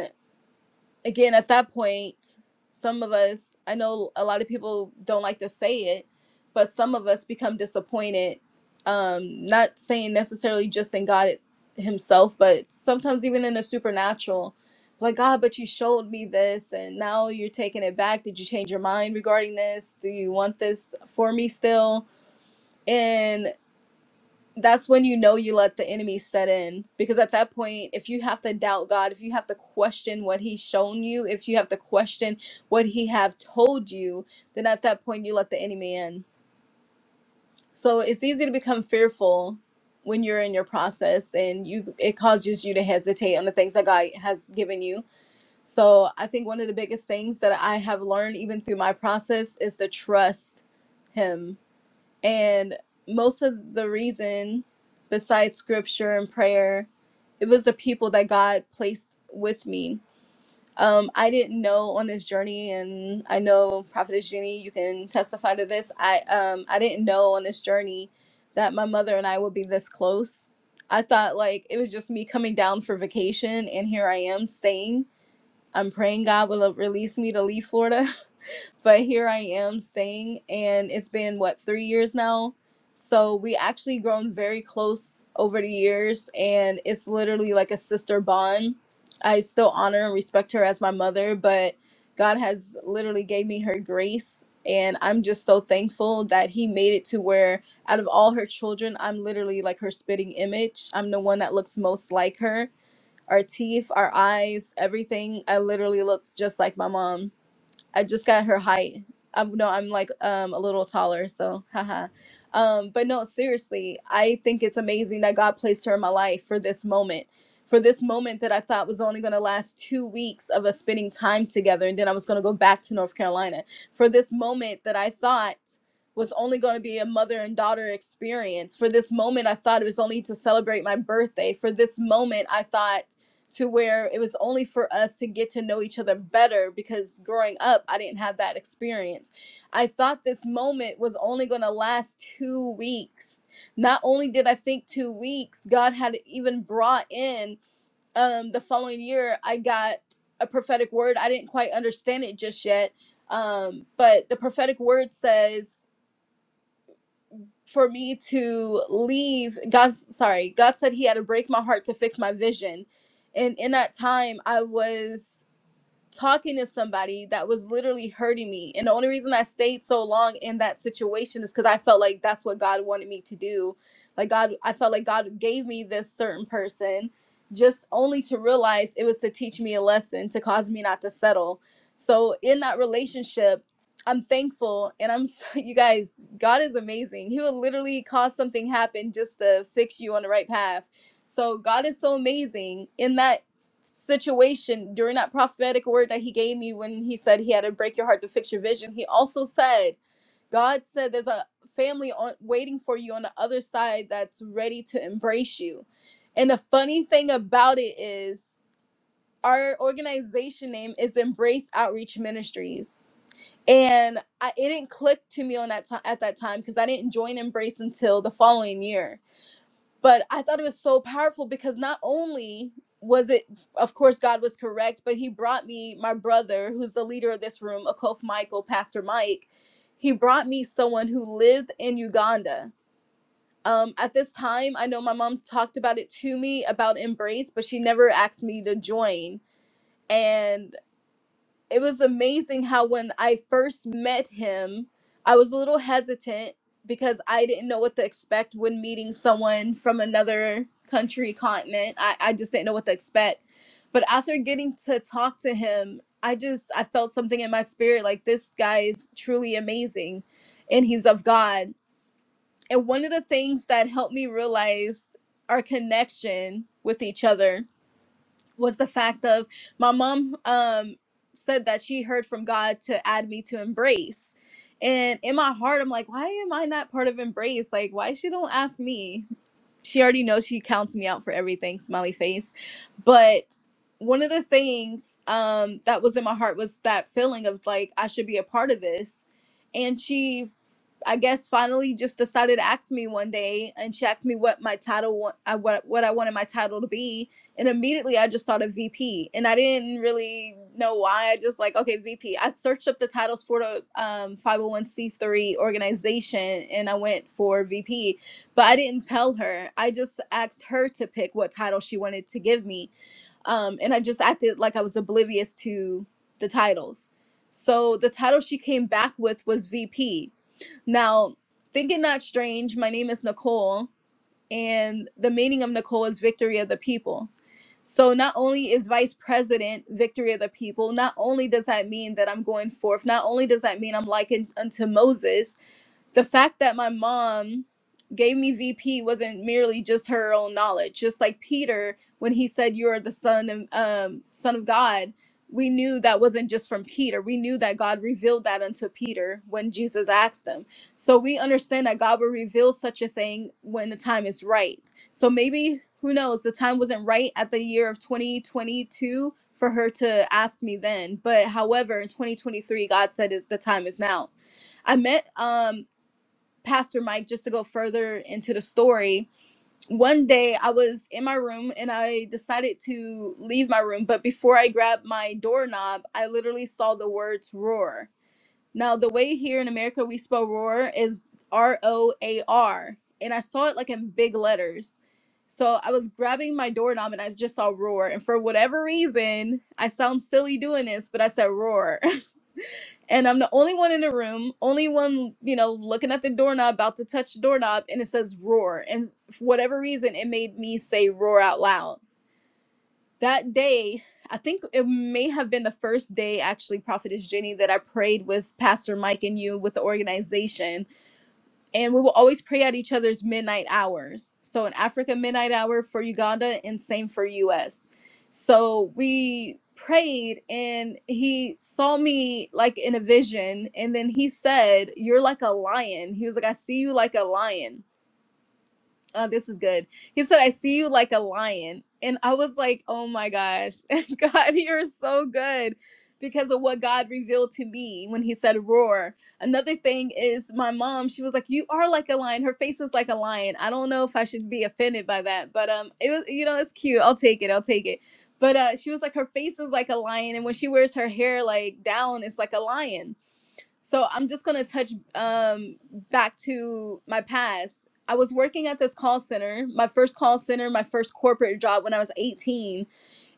again at that point some of us i know a lot of people don't like to say it but some of us become disappointed um not saying necessarily just in god himself but sometimes even in the supernatural like god but you showed me this and now you're taking it back did you change your mind regarding this do you want this for me still And that's when you know you let the enemy set in because at that point if you have to doubt god if you have to question what he's shown you if you have to question what he have told you then at that point you let the enemy in so it's easy to become fearful when you're in your process and you it causes you to hesitate on the things that god has given you so i think one of the biggest things that i have learned even through my process is to trust him and most of the reason, besides scripture and prayer, it was the people that God placed with me. Um, I didn't know on this journey, and I know Prophetess Jenny, you can testify to this. I um, I didn't know on this journey that my mother and I would be this close. I thought like it was just me coming down for vacation, and here I am staying. I'm praying God will release me to leave Florida but here I am staying, and it's been what three years now. So we actually grown very close over the years, and it's literally like a sister bond. I still honor and respect her as my mother, but God has literally gave me her grace, and I'm just so thankful that He made it to where out of all her children, I'm literally like her spitting image. I'm the one that looks most like her. Our teeth, our eyes, everything. I literally look just like my mom I just got her height. I'm no, I'm like um a little taller, so haha. Um, but no, seriously, I think it's amazing that God placed her in my life for this moment. For this moment that I thought was only gonna last two weeks of us spending time together and then I was gonna go back to North Carolina. For this moment that I thought was only going to be a mother and daughter experience. For this moment, I thought it was only to celebrate my birthday. For this moment, I thought to where it was only for us to get to know each other better because growing up I didn't have that experience. I thought this moment was only going to last 2 weeks. Not only did I think 2 weeks, God had even brought in um the following year I got a prophetic word. I didn't quite understand it just yet. Um but the prophetic word says for me to leave god sorry god said he had to break my heart to fix my vision and in that time i was talking to somebody that was literally hurting me. And the only reason I stayed so long in that situation is because I felt like that's what God wanted me to do. Like, God, I felt like God gave me this certain person just only to realize it was to teach me a lesson, to cause me not to settle. So, in that relationship, I'm thankful and I'm *laughs* you guys God is amazing. He will literally cause something happen just to fix you on the right path. So God is so amazing in that situation during that prophetic word that he gave me when he said he had to break your heart to fix your vision he also said god said there's a family on waiting for you on the other side that's ready to embrace you and the funny thing about it is our organization name is embrace outreach ministries and I, it didn't click to me on that time at that time because i didn't join embrace until the following year but I thought it was so powerful because not only was it, of course, God was correct, but He brought me my brother, who's the leader of this room, Akof Michael, Pastor Mike. He brought me someone who lived in Uganda. Um, at this time, I know my mom talked about it to me about Embrace, but she never asked me to join. And it was amazing how when I first met him, I was a little hesitant because I didn't know what to expect when meeting someone from another country, continent. I, I just didn't know what to expect. But after getting to talk to him, I just I felt something in my spirit like this guy is truly amazing and he's of God. And one of the things that helped me realize our connection with each other was the fact of my mom um said that she heard from God to add me to embrace. And in my heart I'm like, why am I not part of embrace? Like why she don't ask me? She already knows she counts me out for everything, smiley face. But one of the things um that was in my heart was that feeling of like I should be a part of this. And she I guess finally just decided to ask me one day, and she asked me what my title wa- uh, what what I wanted my title to be, and immediately I just thought of VP, and I didn't really know why. I just like okay VP. I searched up the titles for the um, 501c3 organization, and I went for VP, but I didn't tell her. I just asked her to pick what title she wanted to give me, um, and I just acted like I was oblivious to the titles. So the title she came back with was VP now, thinking not strange, my name is Nicole, and the meaning of Nicole is victory of the people. So, not only is vice president victory of the people, not only does that mean that I'm going forth, not only does that mean I'm likened unto Moses, the fact that my mom gave me VP wasn't merely just her own knowledge. Just like Peter, when he said, "You are the son of um, son of God," we knew that wasn't just from Peter. We knew that God revealed that unto Peter when Jesus asked him. So we understand that God will reveal such a thing when the time is right. So maybe who knows? The time wasn't right at the year of 2022 for her to ask me then. But however, in 2023, God said it, the time is now. I met um Pastor Mike, just to go further into the story, one day I was in my room and I decided to leave my room. But before I grabbed my doorknob, I literally saw the words roar. Now, the way here in America we spell roar is R O A R. And I saw it like in big letters. So I was grabbing my doorknob and I just saw roar. And for whatever reason, I sound silly doing this, but I said roar. *laughs* and I'm the only one in the room, only one, you know, looking at the doorknob, about to touch the doorknob, and it says roar. And for whatever reason, it made me say roar out loud. That day, I think it may have been the first day, actually, Prophetess Jenny, that I prayed with Pastor Mike and you with the organization and we will always pray at each other's midnight hours. So in Africa, midnight hour for Uganda, and same for U.S. So we prayed, and he saw me like in a vision, and then he said, "You're like a lion." He was like, "I see you like a lion." Oh, this is good. He said, I see you like a lion. And I was like, oh my gosh, *laughs* God, you're so good because of what God revealed to me when he said roar. Another thing is my mom, she was like, you are like a lion. Her face was like a lion. I don't know if I should be offended by that, but um, it was, you know, it's cute. I'll take it. I'll take it. But uh, she was like, her face is like a lion. And when she wears her hair like down, it's like a lion. So I'm just gonna touch um back to my past. I was working at this call center, my first call center, my first corporate job when I was 18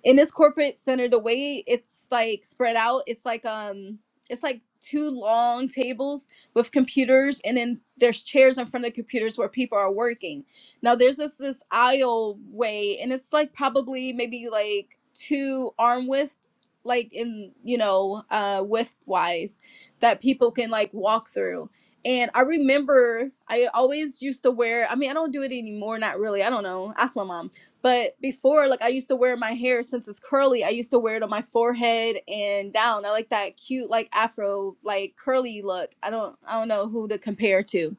in this corporate center the way it's like spread out it's like um it's like two long tables with computers and then there's chairs in front of the computers where people are working now there's this this aisle way and it's like probably maybe like two arm width like in you know uh width wise that people can like walk through and i remember i always used to wear i mean i don't do it anymore not really i don't know ask my mom but before, like I used to wear my hair since it's curly, I used to wear it on my forehead and down. I like that cute, like afro, like curly look. I don't, I don't know who to compare to.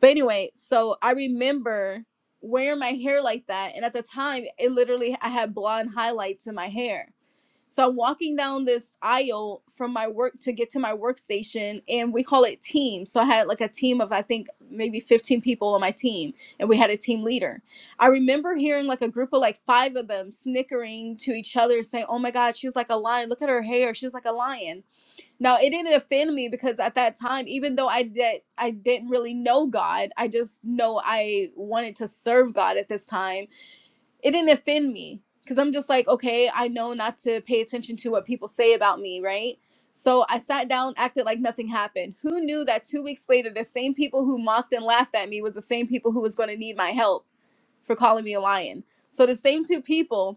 But anyway, so I remember wearing my hair like that, and at the time, it literally I had blonde highlights in my hair. So I'm walking down this aisle from my work to get to my workstation, and we call it team. So I had like a team of I think maybe 15 people on my team, and we had a team leader. I remember hearing like a group of like five of them snickering to each other, saying, "Oh my God, she's like a lion! Look at her hair! She's like a lion!" Now it didn't offend me because at that time, even though I did I didn't really know God, I just know I wanted to serve God at this time it didn't offend me because I'm just like, okay, I know not to pay attention to what people say about me, right? So I sat down, acted like nothing happened. Who knew that two weeks later, the same people who mocked and laughed at me was the same people who was going to need my help for calling me a lion. So the same two people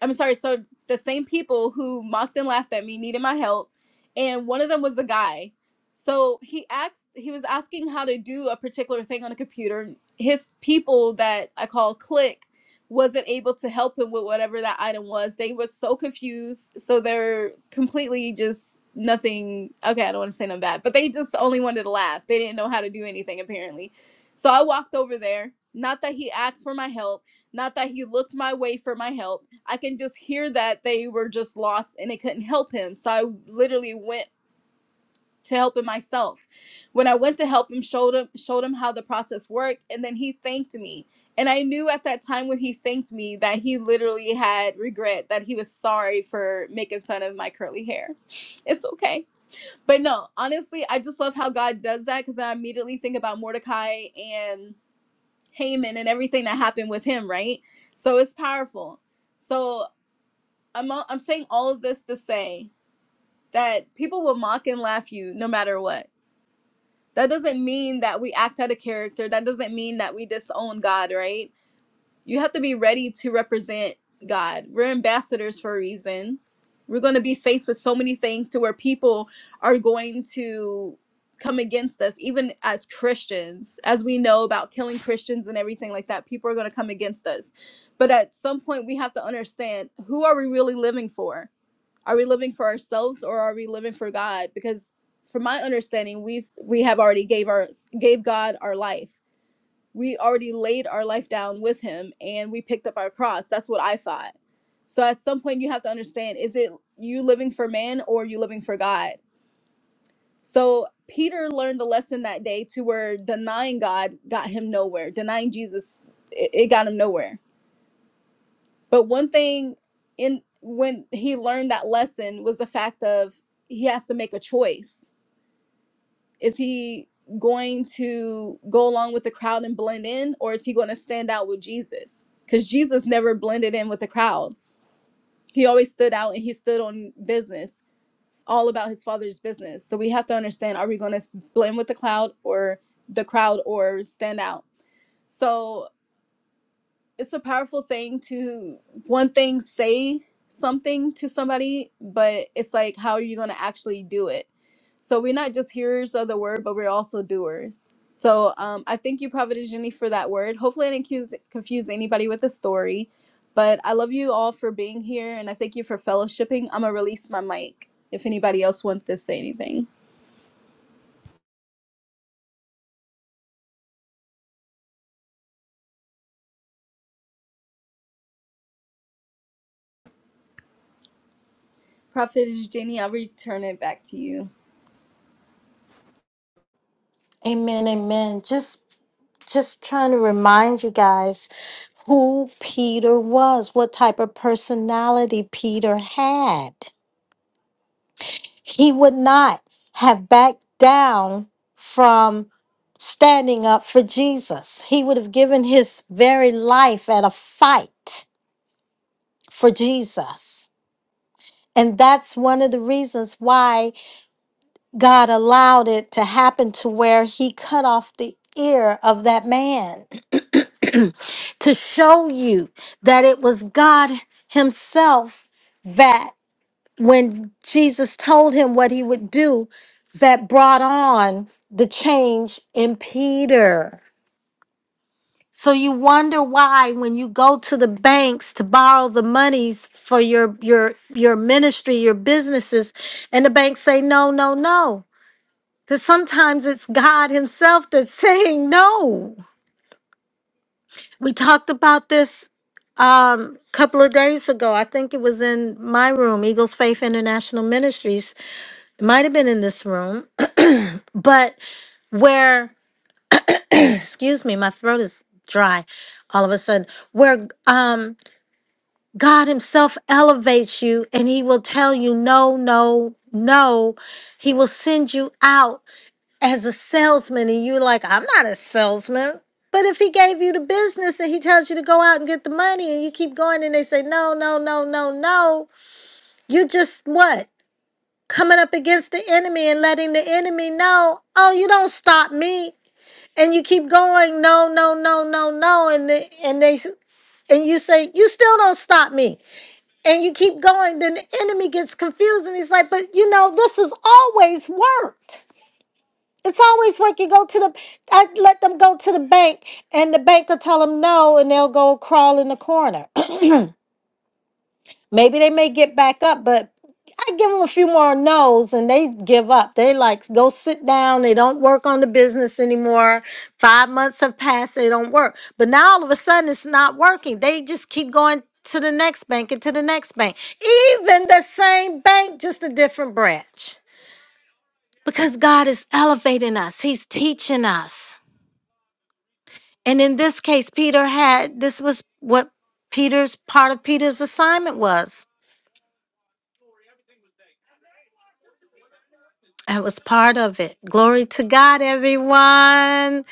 I'm sorry. So the same people who mocked and laughed at me needed my help, and one of them was a guy. So he asked, he was asking how to do a particular thing on a computer. His people that I call click wasn't able to help him with whatever that item was. They were so confused, so they're completely just nothing. Okay, I don't want to say them bad, but they just only wanted to laugh. They didn't know how to do anything apparently. So I walked over there. Not that he asked for my help not that he looked my way for my help. I can just hear that they were just lost and they couldn't help him. So I literally went to help him myself. When I went to help him, showed him showed him how the process worked, and then he thanked me. And I knew at that time when he thanked me that he literally had regret, that he was sorry for making fun of my curly hair. It's okay. But no, honestly, I just love how God does that because I immediately think about Mordecai and. Haman and everything that happened with him, right? So it's powerful. So I'm I'm saying all of this to say that people will mock and laugh you no matter what. That doesn't mean that we act out of character. That doesn't mean that we disown God, right? you have to be ready to represent God. We're ambassadors for a reason. We're going to be faced with so many things to where people are going to come against us, even as Christians, as we know about killing Christians and everything like that. People are going to come against us. But at some point, we have to understand who are we really living for? Are we living for ourselves or are we living for God? Because from my understanding, we we have already gave our gave God our life we already laid our life down with him and we picked up our cross. That's what I thought. So at some point you have to understand is it you living for man or are you living for God? So Peter learned a lesson that day to where denying God got him nowhere. Denying Jesus it, it got him nowhere. But one thing in when he learned that lesson was the fact of he has to make a choice Is he going to go along with the crowd and blend in, or is he going to stand out with Jesus? Because Jesus never blended in with the crowd. He always stood out and he stood on business, all about his father's business. So we have to understand are we going to blend with the cloud or the crowd or stand out? So it's a powerful thing to one thing say something to somebody but it's like how are you going to actually do it so we're not just hearers of the word but we're also doers so um, i thank you providence jenny for that word hopefully i didn't confuse, confuse anybody with the story but i love you all for being here and i thank you for fellowshipping i'm going to release my mic if anybody else wants to say anything prophet jenny i'll return it back to you Amen. Amen. Just just trying to remind you guys who Peter was, what type of personality Peter had. he would not have backed down from standing up for Jesus. He would have given his very life at a fight for Jesus. And that's one of the reasons why God allowed it to happen to where he cut off the ear of that man *clears throat* to show you that it was God himself that. when Jesus told him what he would do that brought on the change in Peter. So you wonder why when you go to the banks to borrow the monies for your your your ministry, your businesses, and the banks say no, no, no. Because sometimes it's God Himself that's *laughs* saying no. We talked about this um couple of days ago. I think it was in my room, Eagles Faith International Ministries. It might have been in this room but where *clears throat* excuse me my throat is dry all of a sudden where um god himself elevates you and he will tell you no no no he will send you out as a salesman and you're like i'm not a salesman but if he gave you the business and he tells you to go out and get the money and you keep going and they say no no no no no you're just what coming up against the enemy and letting the enemy know oh you don't stop me and you keep going no no no no no and they, and they s- and you say you still don't stop me and you keep going then the enemy gets confused and he's like but you know this has always worked it's always worked you go to the i let them go to the bank and the bank will tell them no and they'll go crawl in the corner *clears throat* Maybe they may get back up, but I give them a few more no's and they give up. They like go sit down. They don't work on the business anymore. Five months have passed. They don't work. But now all of a sudden it's not working. They just keep going to the next bank and to the next bank. Even the same bank, just a different branch. Because God is elevating us, He's teaching us. And in this case, Peter had this was what Peter's part of Peter's assignment was I was part of it. Glory to God, everyone.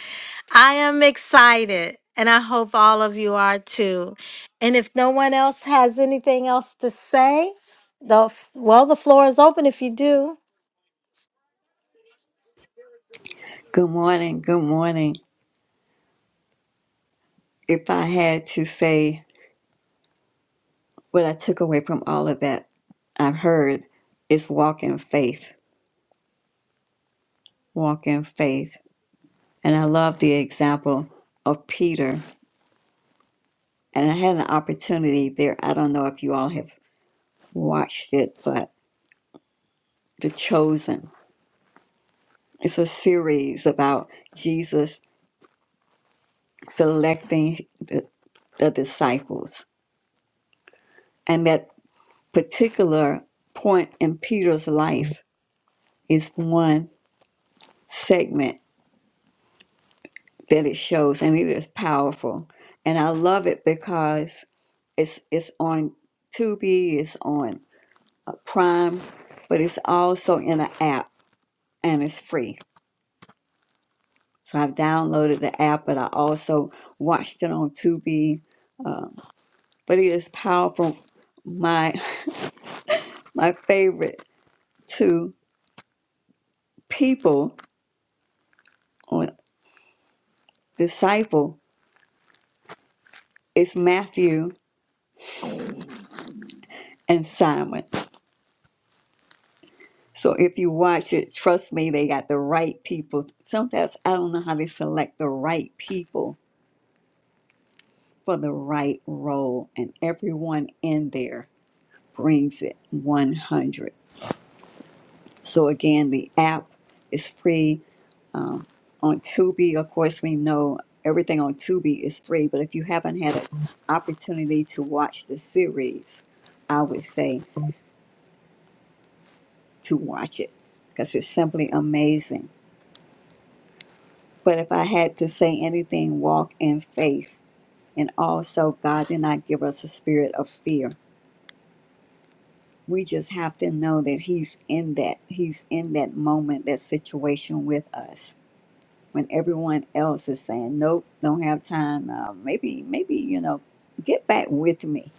I am excited, and I hope all of you are too. And if no one else has anything else to say, the well, the floor is open if you do. Good morning. Good morning. If I had to say what I took away from all of that I've heard, is walk in faith. Walk in faith. And I love the example of Peter. And I had an opportunity there. I don't know if you all have watched it, but The Chosen. It's a series about Jesus selecting the, the disciples. And that particular point in Peter's life is one segment that it shows and it is powerful and i love it because it's it's on tubi it's on uh, prime but it's also in an app and it's free so i've downloaded the app but i also watched it on tubi but it is powerful my *laughs* my favorite two people or disciple is matthew and simon So if you watch it, trust me, they got the right people. Sometimes I don't know how they select the right people for the right role, and everyone in there brings it 100. So again, the app is free. Um, on Tubi, of course, we know everything on Tubi is free, but if you haven't had an opportunity to watch the series, I would say to watch it because it's simply amazing. But if I had to say anything, walk in faith. And also, God did not give us a spirit of fear. We just have to know that He's in that. He's in that moment, that situation with us. When everyone else is saying, nope, don't have time. Uh, maybe, maybe, you know, get back with me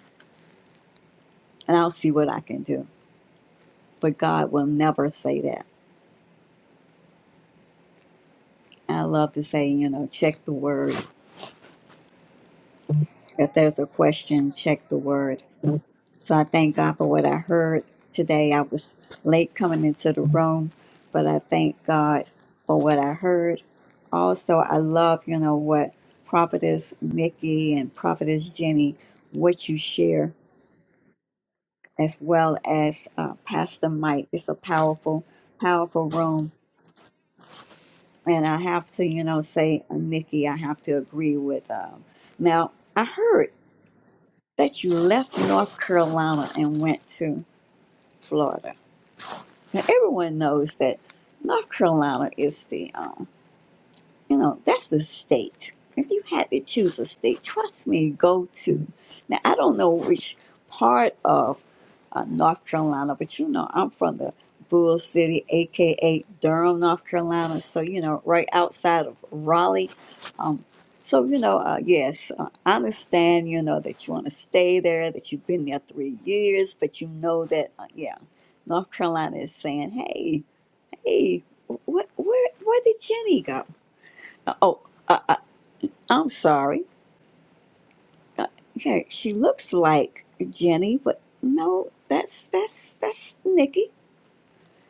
and I'll see what I can do. But God will never say that. I love to say, you know, check the word. If there's a question, check the word So I thank God for what I heard today. I was late coming into the room, but I thank God for what I heard. Also, I love, you know, what Prophetess Nikki and Prophetess Jenny, what you share, as well as uh, Pastor Mike. It's a powerful, powerful room. And I have to, you know, say, uh, Nikki, I have to agree with. Um, now, I heard that you left North Carolina and went to Florida. Now, everyone knows that North Carolina is the, um, you know, that's the state. If you had to choose a state, trust me, go to. Now, I don't know which part of uh, North Carolina, but you know, I'm from the Bull City, aka Durham, North Carolina. So, you know, right outside of Raleigh. Um, so, you know, uh, yes, uh, I understand, you know, that you want to stay there, that you've been there three years, but you know that, uh, yeah, North Carolina is saying, hey, Hey, what, where, where did Jenny go? Oh, uh, uh, I'm sorry. Uh, yeah, she looks like Jenny, but no, that's that's that's Nikki.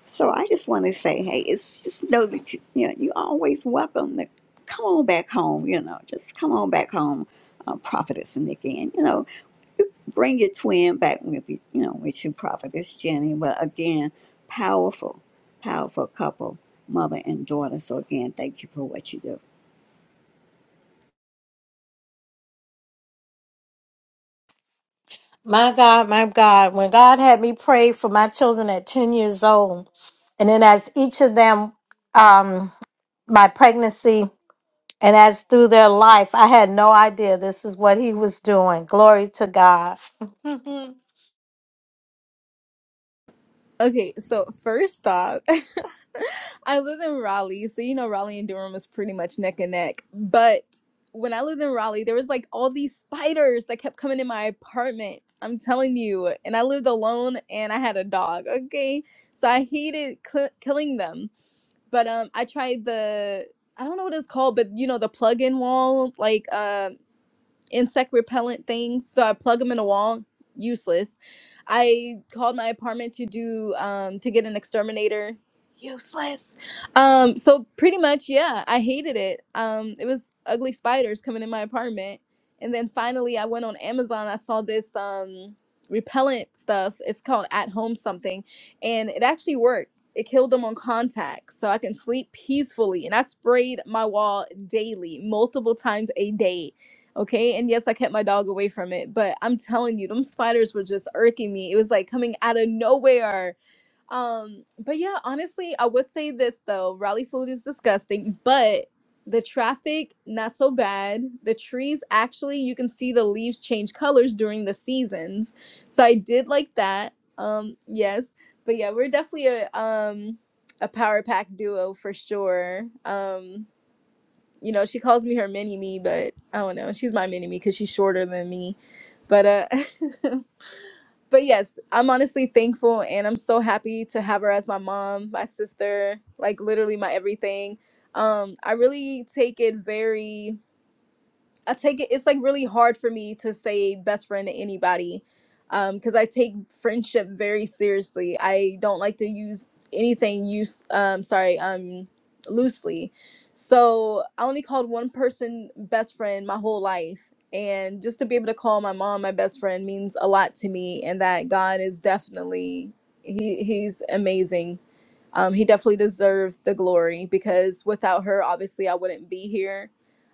So I just want to say, hey, it's just know that you, you know you always welcome to come on back home. You know, just come on back home, uh, prophetess Nikki, and you know, bring your twin back with you. You know, with you, prophetess Jenny. But again, powerful, powerful couple, mother and daughter. So again, thank you for what you do. My God, my God, when God had me pray for my children at 10 years old, and then as each of them, um, my pregnancy, and as through their life, I had no idea this is what He was doing. Glory to God. *laughs* okay so first off *laughs* I live in Raleigh, so you know Raleigh and Durham is pretty much neck and neck. But when I lived in Raleigh, there was like all these spiders that kept coming in my apartment. I'm telling you, and I lived alone and I had a dog. Okay, so I hated cl- killing them. But um, I tried the I don't know what it's called, but you know the plug-in wall, like um insect repellent things. So I plug them in a wall. Useless. I called my apartment to do um to get an exterminator. Useless. Um so pretty much yeah, I hated it. Um it was ugly spiders coming in my apartment. And then finally I went on Amazon. I saw this um repellent stuff. It's called at home something and it actually worked. It killed them on contact so I can sleep peacefully and I sprayed my wall daily, multiple times a day Okay. And yes, I kept my dog away from it, but I'm telling you, them spiders were just irking me. It was like coming out of nowhere. Um, but yeah, honestly, I would say this though. Raleigh food is disgusting, but the traffic, not so bad. The trees, actually, you can see the leaves change colors during the seasons. So I did like that. Um, yes. But yeah, we're definitely a um a power pack duo for sure. Um you know, she calls me her mini me, but I don't know. She's my mini me because she's shorter than me. But uh *laughs* but yes, I'm honestly thankful and I'm so happy to have her as my mom, my sister, like literally my everything. Um, I really take it very I take it. It's like really hard for me to say best friend to anybody, um, because I take friendship very seriously. I don't like to use anything use um sorry um loosely. So I only called one person best friend my whole life, and just to be able to call my mom my best friend means a lot to me, and that God is definitely he he's amazing um, he definitely deserved the glory because without her, obviously, I wouldn't be here.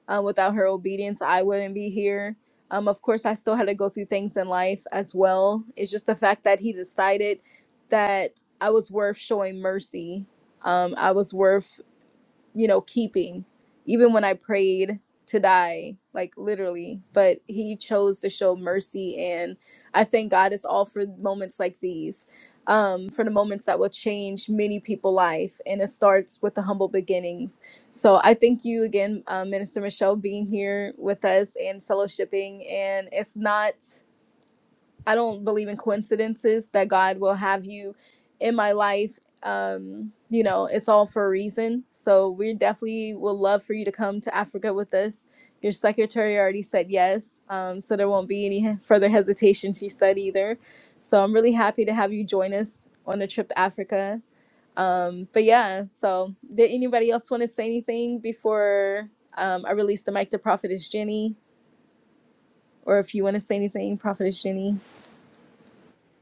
Um, without her obedience, I wouldn't be here. Um, of course, I still had to go through things in life as well. It's just the fact that he decided that I was worth showing mercy. Um, I was worth you know, keeping, even when I prayed to die, like literally. But he chose to show mercy. And I thank God it's all for moments like these, um, for the moments that will change many people's life. And it starts with the humble beginnings. So I thank you again, uh, Minister Michelle, being here with us and fellowshipping. And it's not. I don't believe in coincidences that God will have you in my life. Um, you know, it's all for a reason. So we definitely would love for you to come to Africa with us. Your secretary already said yes. Um, so there won't be any further hesitation, she said either. So I'm really happy to have you join us on a trip to Africa. Um, but yeah, so did anybody else want to say anything before um, I release the mic to Prophetess Jenny? Or if you want to say anything, Prophetess Jenny.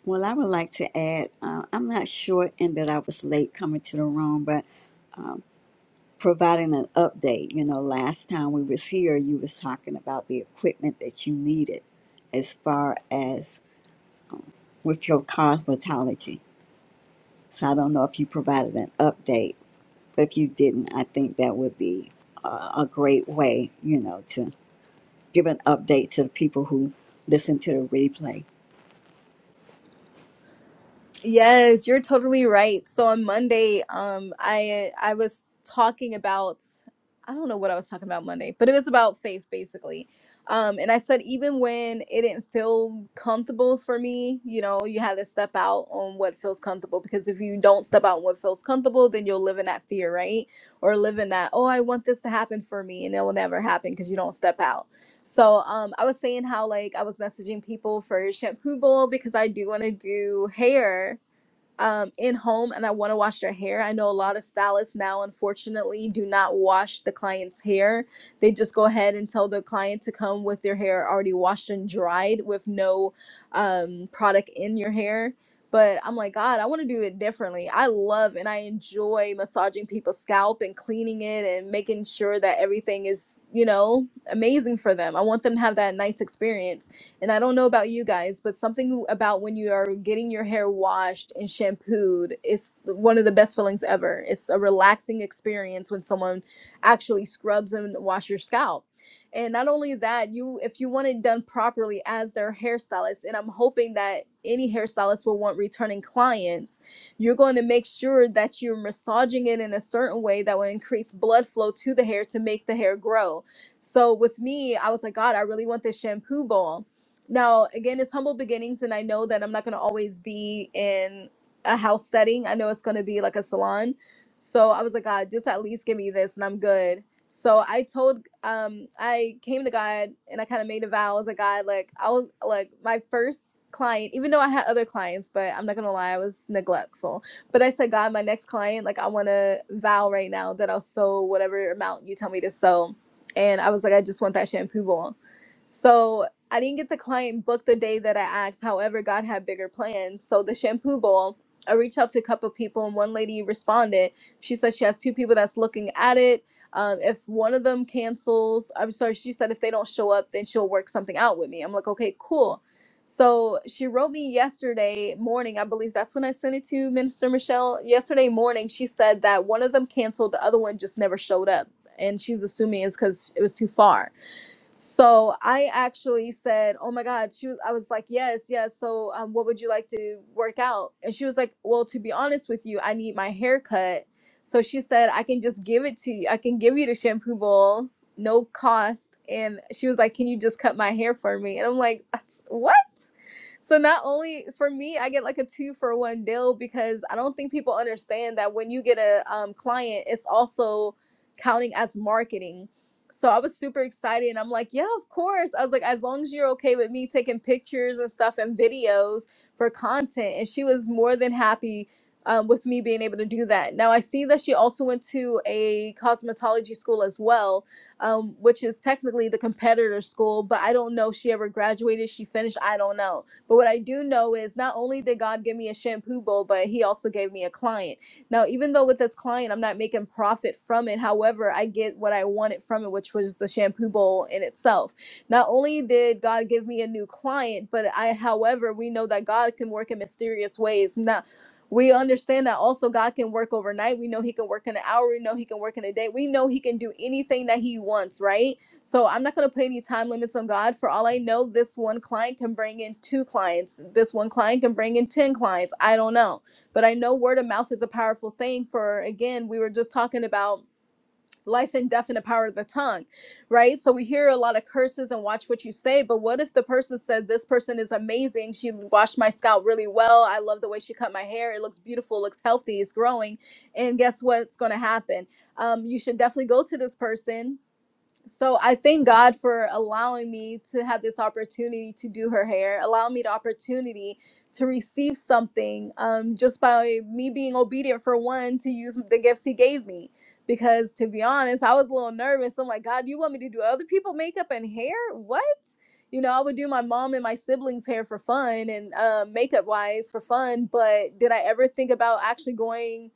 Well, I would like to add. Uh, I'm not sure, and that I was late coming to the room, but providing an update. You know, last time we was here, you was talking about the equipment that you needed as far as with your cosmetology. So I don't know if you provided an update, but if you didn't, I think that would be a, a great way, you know, to give an update to the people who listen to the replay. Yes, you're totally right. So on Monday, um, I I was talking about I don't know what I was talking about Monday, but it was about faith basically. Um, and I said even when it didn't feel comfortable for me, you know, you had to step out on what feels comfortable because if you don't step out on what feels comfortable, then you'll live in that fear, right? Or live in that, oh, I want this to happen for me, and it will never happen because you don't step out. So um, I was saying how like I was messaging people for shampoo bowl because I do want to do hair um, in home and I want to wash their hair. I know a lot of stylists now, unfortunately, do not wash the client's hair. They just go ahead and tell the client to come with their hair already washed and dried with no um, product in your hair. But I'm like, God, I want to do it differently. I love and I enjoy massaging people's scalp and cleaning it and making sure that everything is, you know, amazing for them. I want them to have that nice experience. And I don't know about you guys, but something about when you are getting your hair washed and shampooed is one of the best feelings ever. It's a relaxing experience when someone actually scrubs and wash your scalp. And not only that, you if you want it done properly as their hairstylist, and I'm hoping that any hairstylist will want returning clients, you're going to make sure that you're massaging it in a certain way that will increase blood flow to the hair to make the hair grow. So with me, I was like, God, I really want this shampoo bowl. Now, again, it's humble beginnings, and I know that I'm not going to always be in a house setting. I know it's going to be like a salon. So I was like, God, just at least give me this, and I'm good. So I told, um, I came to God, and I kind of made a vow I was like, God, like I was like my first client, even though I had other clients, but I'm not gonna lie, I was neglectful. But I said, God, my next client, like I want to vow right now that I'll sew whatever amount you tell me to sew, and I was like, I just want that shampoo ball. So I didn't get the client booked the day that I asked. However, God had bigger plans. So the shampoo bowl, I reached out to a couple people, and one lady responded. She said she has two people that's looking at it. Um, if one of them cancels, I'm sorry, she said if they don't show up, then she'll work something out with me. I'm like, okay, cool. So she wrote me yesterday morning. I believe that's when I sent it to Minister Michelle. Yesterday morning, she said that one of them canceled, the other one just never showed up. And she's assuming it's because it was too far. So I actually said, "Oh my God!" She, I was like, "Yes, yes." So, um, what would you like to work out? And she was like, "Well, to be honest with you, I need my hair cut." So she said, "I can just give it to you. I can give you the shampoo bowl, no cost." And she was like, "Can you just cut my hair for me?" And I'm like, "That's what?" So not only for me, I get like a two for one deal because I don't think people understand that when you get a um, client, it's also counting as marketing so I was super excited and I'm like, yeah, of course. I was like, as long as you're okay with me taking pictures and stuff and videos for content. And she was more than happy um, with me being able to do that. Now I see that she also went to a cosmetology school as well, um, which is technically the competitor school, but I don't know if she ever graduated, she finished, I don't know. But what I do know is not only did God give me a shampoo bowl, but he also gave me a client. Now, even though with this client, I'm not making profit from it. However, I get what I wanted from it, which was the shampoo bowl in itself. Not only did God give me a new client, but I, however, we know that God can work in mysterious ways. Now, we understand that also God can work overnight. We know He can work in an hour. We know He can work in a day. We know He can do anything that He wants, right? So I'm not going to put any time limits on God. For all I know, this one client can bring in two clients. This one client can bring in 10 clients. I don't know. But I know word of mouth is a powerful thing for, again, we were just talking about life and death and the power of the tongue, right? So we hear a lot of curses and watch what you say. But what if the person said, This person is amazing. She washed my scalp really well. I love the way she cut my hair. It looks beautiful, it looks healthy, it's growing. And guess what's going to happen? Um, you should definitely go to this person so I thank God for allowing me to have this opportunity to do her hair, allow me the opportunity to receive something um, just by me being obedient for one to use the gifts He gave me. Because to be honest, I was a little nervous. I'm like, God, you want me to do other people makeup and hair? What? You know, I would do my mom and my siblings' hair for fun and uh, makeup wise for fun, but did I ever think about actually going?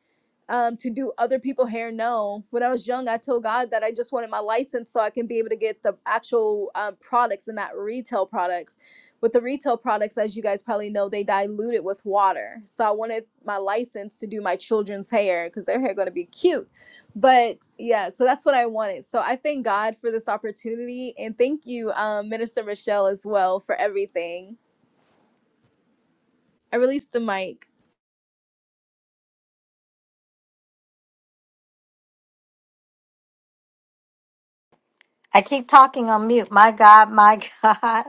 um, to do other people hair. No, when I was young, I told God that I just wanted my license so I can be able to get the actual um, products and not retail products. With the retail products, as you guys probably know, they dilute it with water. So I wanted my license to do my children's hair because their hair going to be cute. But yeah, so that's what I wanted. So I thank God for this opportunity and thank you, um, Minister Michelle, as well for everything. I released the mic. I keep talking on mute. My God, my *laughs* God.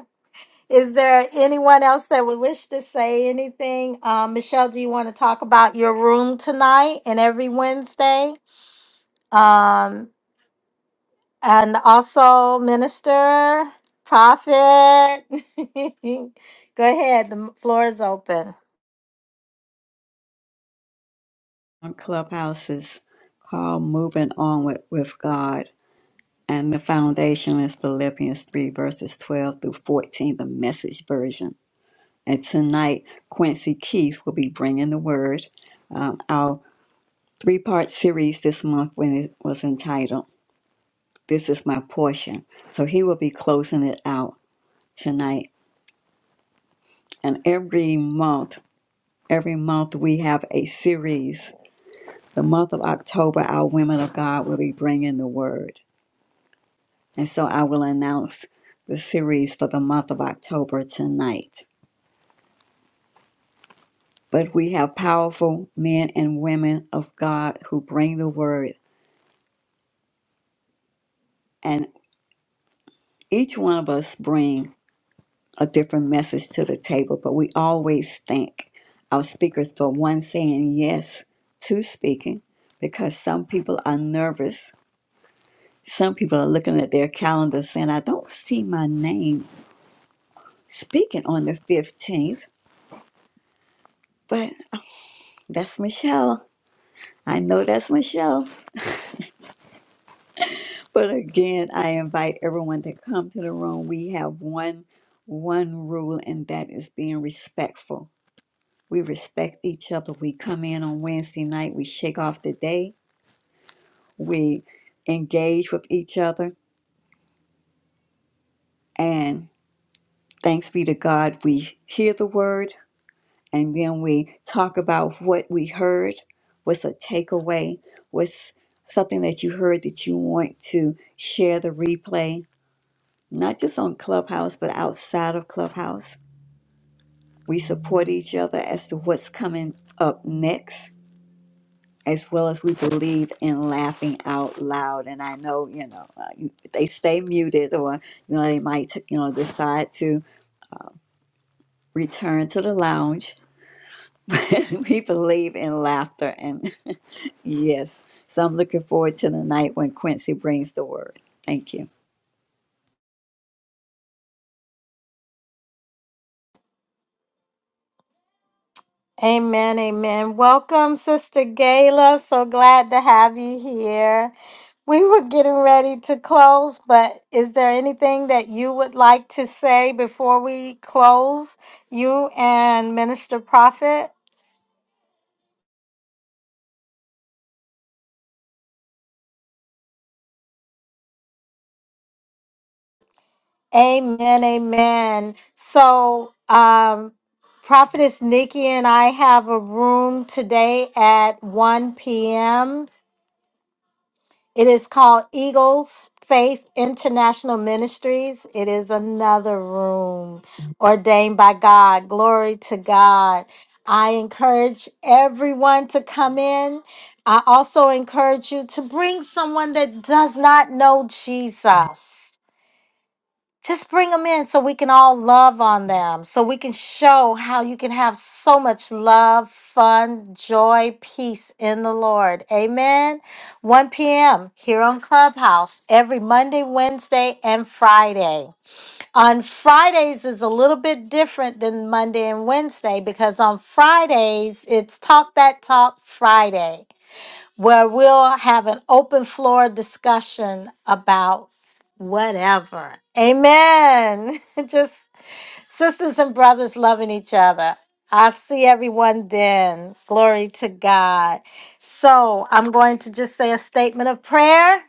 Is there anyone else that would wish to say anything? Um, Michelle, do you want to talk about your room tonight and every Wednesday? Um, and also, minister, prophet. *laughs* Go ahead. The floor is open. On Clubhouse is called Moving On with, with God. And the foundation is Philippians 3, verses 12 through 14, the message version And tonight, Quincy Keith will be bringing the word. Um, our three part series this month when it was entitled, This is My Portion. So he will be closing it out tonight. And every month, every month we have a series. The month of October, our women of God will be bringing the word. And so I will announce the series for the month of October tonight. But we have powerful men and women of God who bring the word and. each one of us bring a different message to the table, but we always thank our speakers for one saying yes to speaking because some people are nervous. Some people are looking at their calendar saying, I don't see my name speaking on the 15th, but that's Michelle. I know that's Michelle. But again, I invite everyone to come to the room. We have one one rule and that is being respectful We respect each other. We come in on Wednesday night. We shake off the day. We engage with each other. And thanks be to God, we hear the word and then we talk about what we heard. What's a takeaway? What's something that you heard that you want to share the replay? Not just on Clubhouse, but outside of Clubhouse. We support each other as to what's coming up next as well as we believe in laughing out loud. And I know, you know, uh, you- they stay muted or, you know, they might, you know, decide to return to the lounge. *laughs* But we believe in laughter. And *laughs* yes, so I'm looking forward to the night when Quincy brings the word. Thank you. Amen, amen. Welcome, Sister Gayla. So glad to have you here. We were getting ready to close, but is there anything that you would like to say before we close? You and Minister Prophet? Amen, amen. So, um, Prophetess Nikki and I have a room today at 1 p.m. It is called Eagles Faith International Ministries. It is another room ordained by God. Glory to God. I encourage everyone to come in. I also encourage you to bring someone that does not know Jesus. Just bring them in so we can all love on them, so we can show how you can have so much love, fun, joy, peace in the Lord. Amen. 1 p.m. here on Clubhouse every Monday, Wednesday, and Friday. On Fridays is a little bit different than Monday and Wednesday because on Fridays it's Talk That Talk Friday where we'll have an open floor discussion about whatever. Amen. *laughs* Just sisters and brothers loving each other. I'll see everyone then. Glory to God. So I'm going to just say a statement of prayer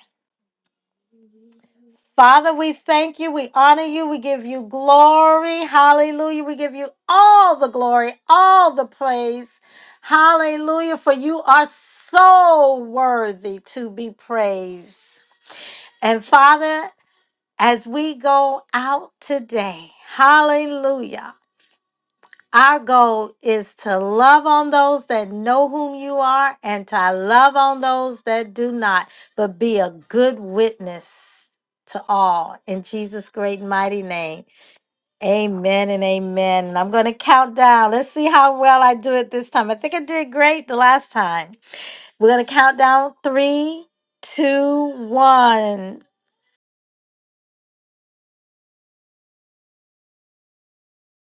Father, we thank you. We honor you. We give you glory. Hallelujah. We give you all the glory, all the praise. Hallelujah. For you are so worthy to be praised. And Father, as we go out today, hallelujah. Our goal is to love on those that know whom you are and to love on those that do not, but be a good witness to all. In Jesus' great mighty name. Amen and amen. And I'm going to count down. Let's see how well I do it this time. I think I did great the last time. We're going to count down three, two, one.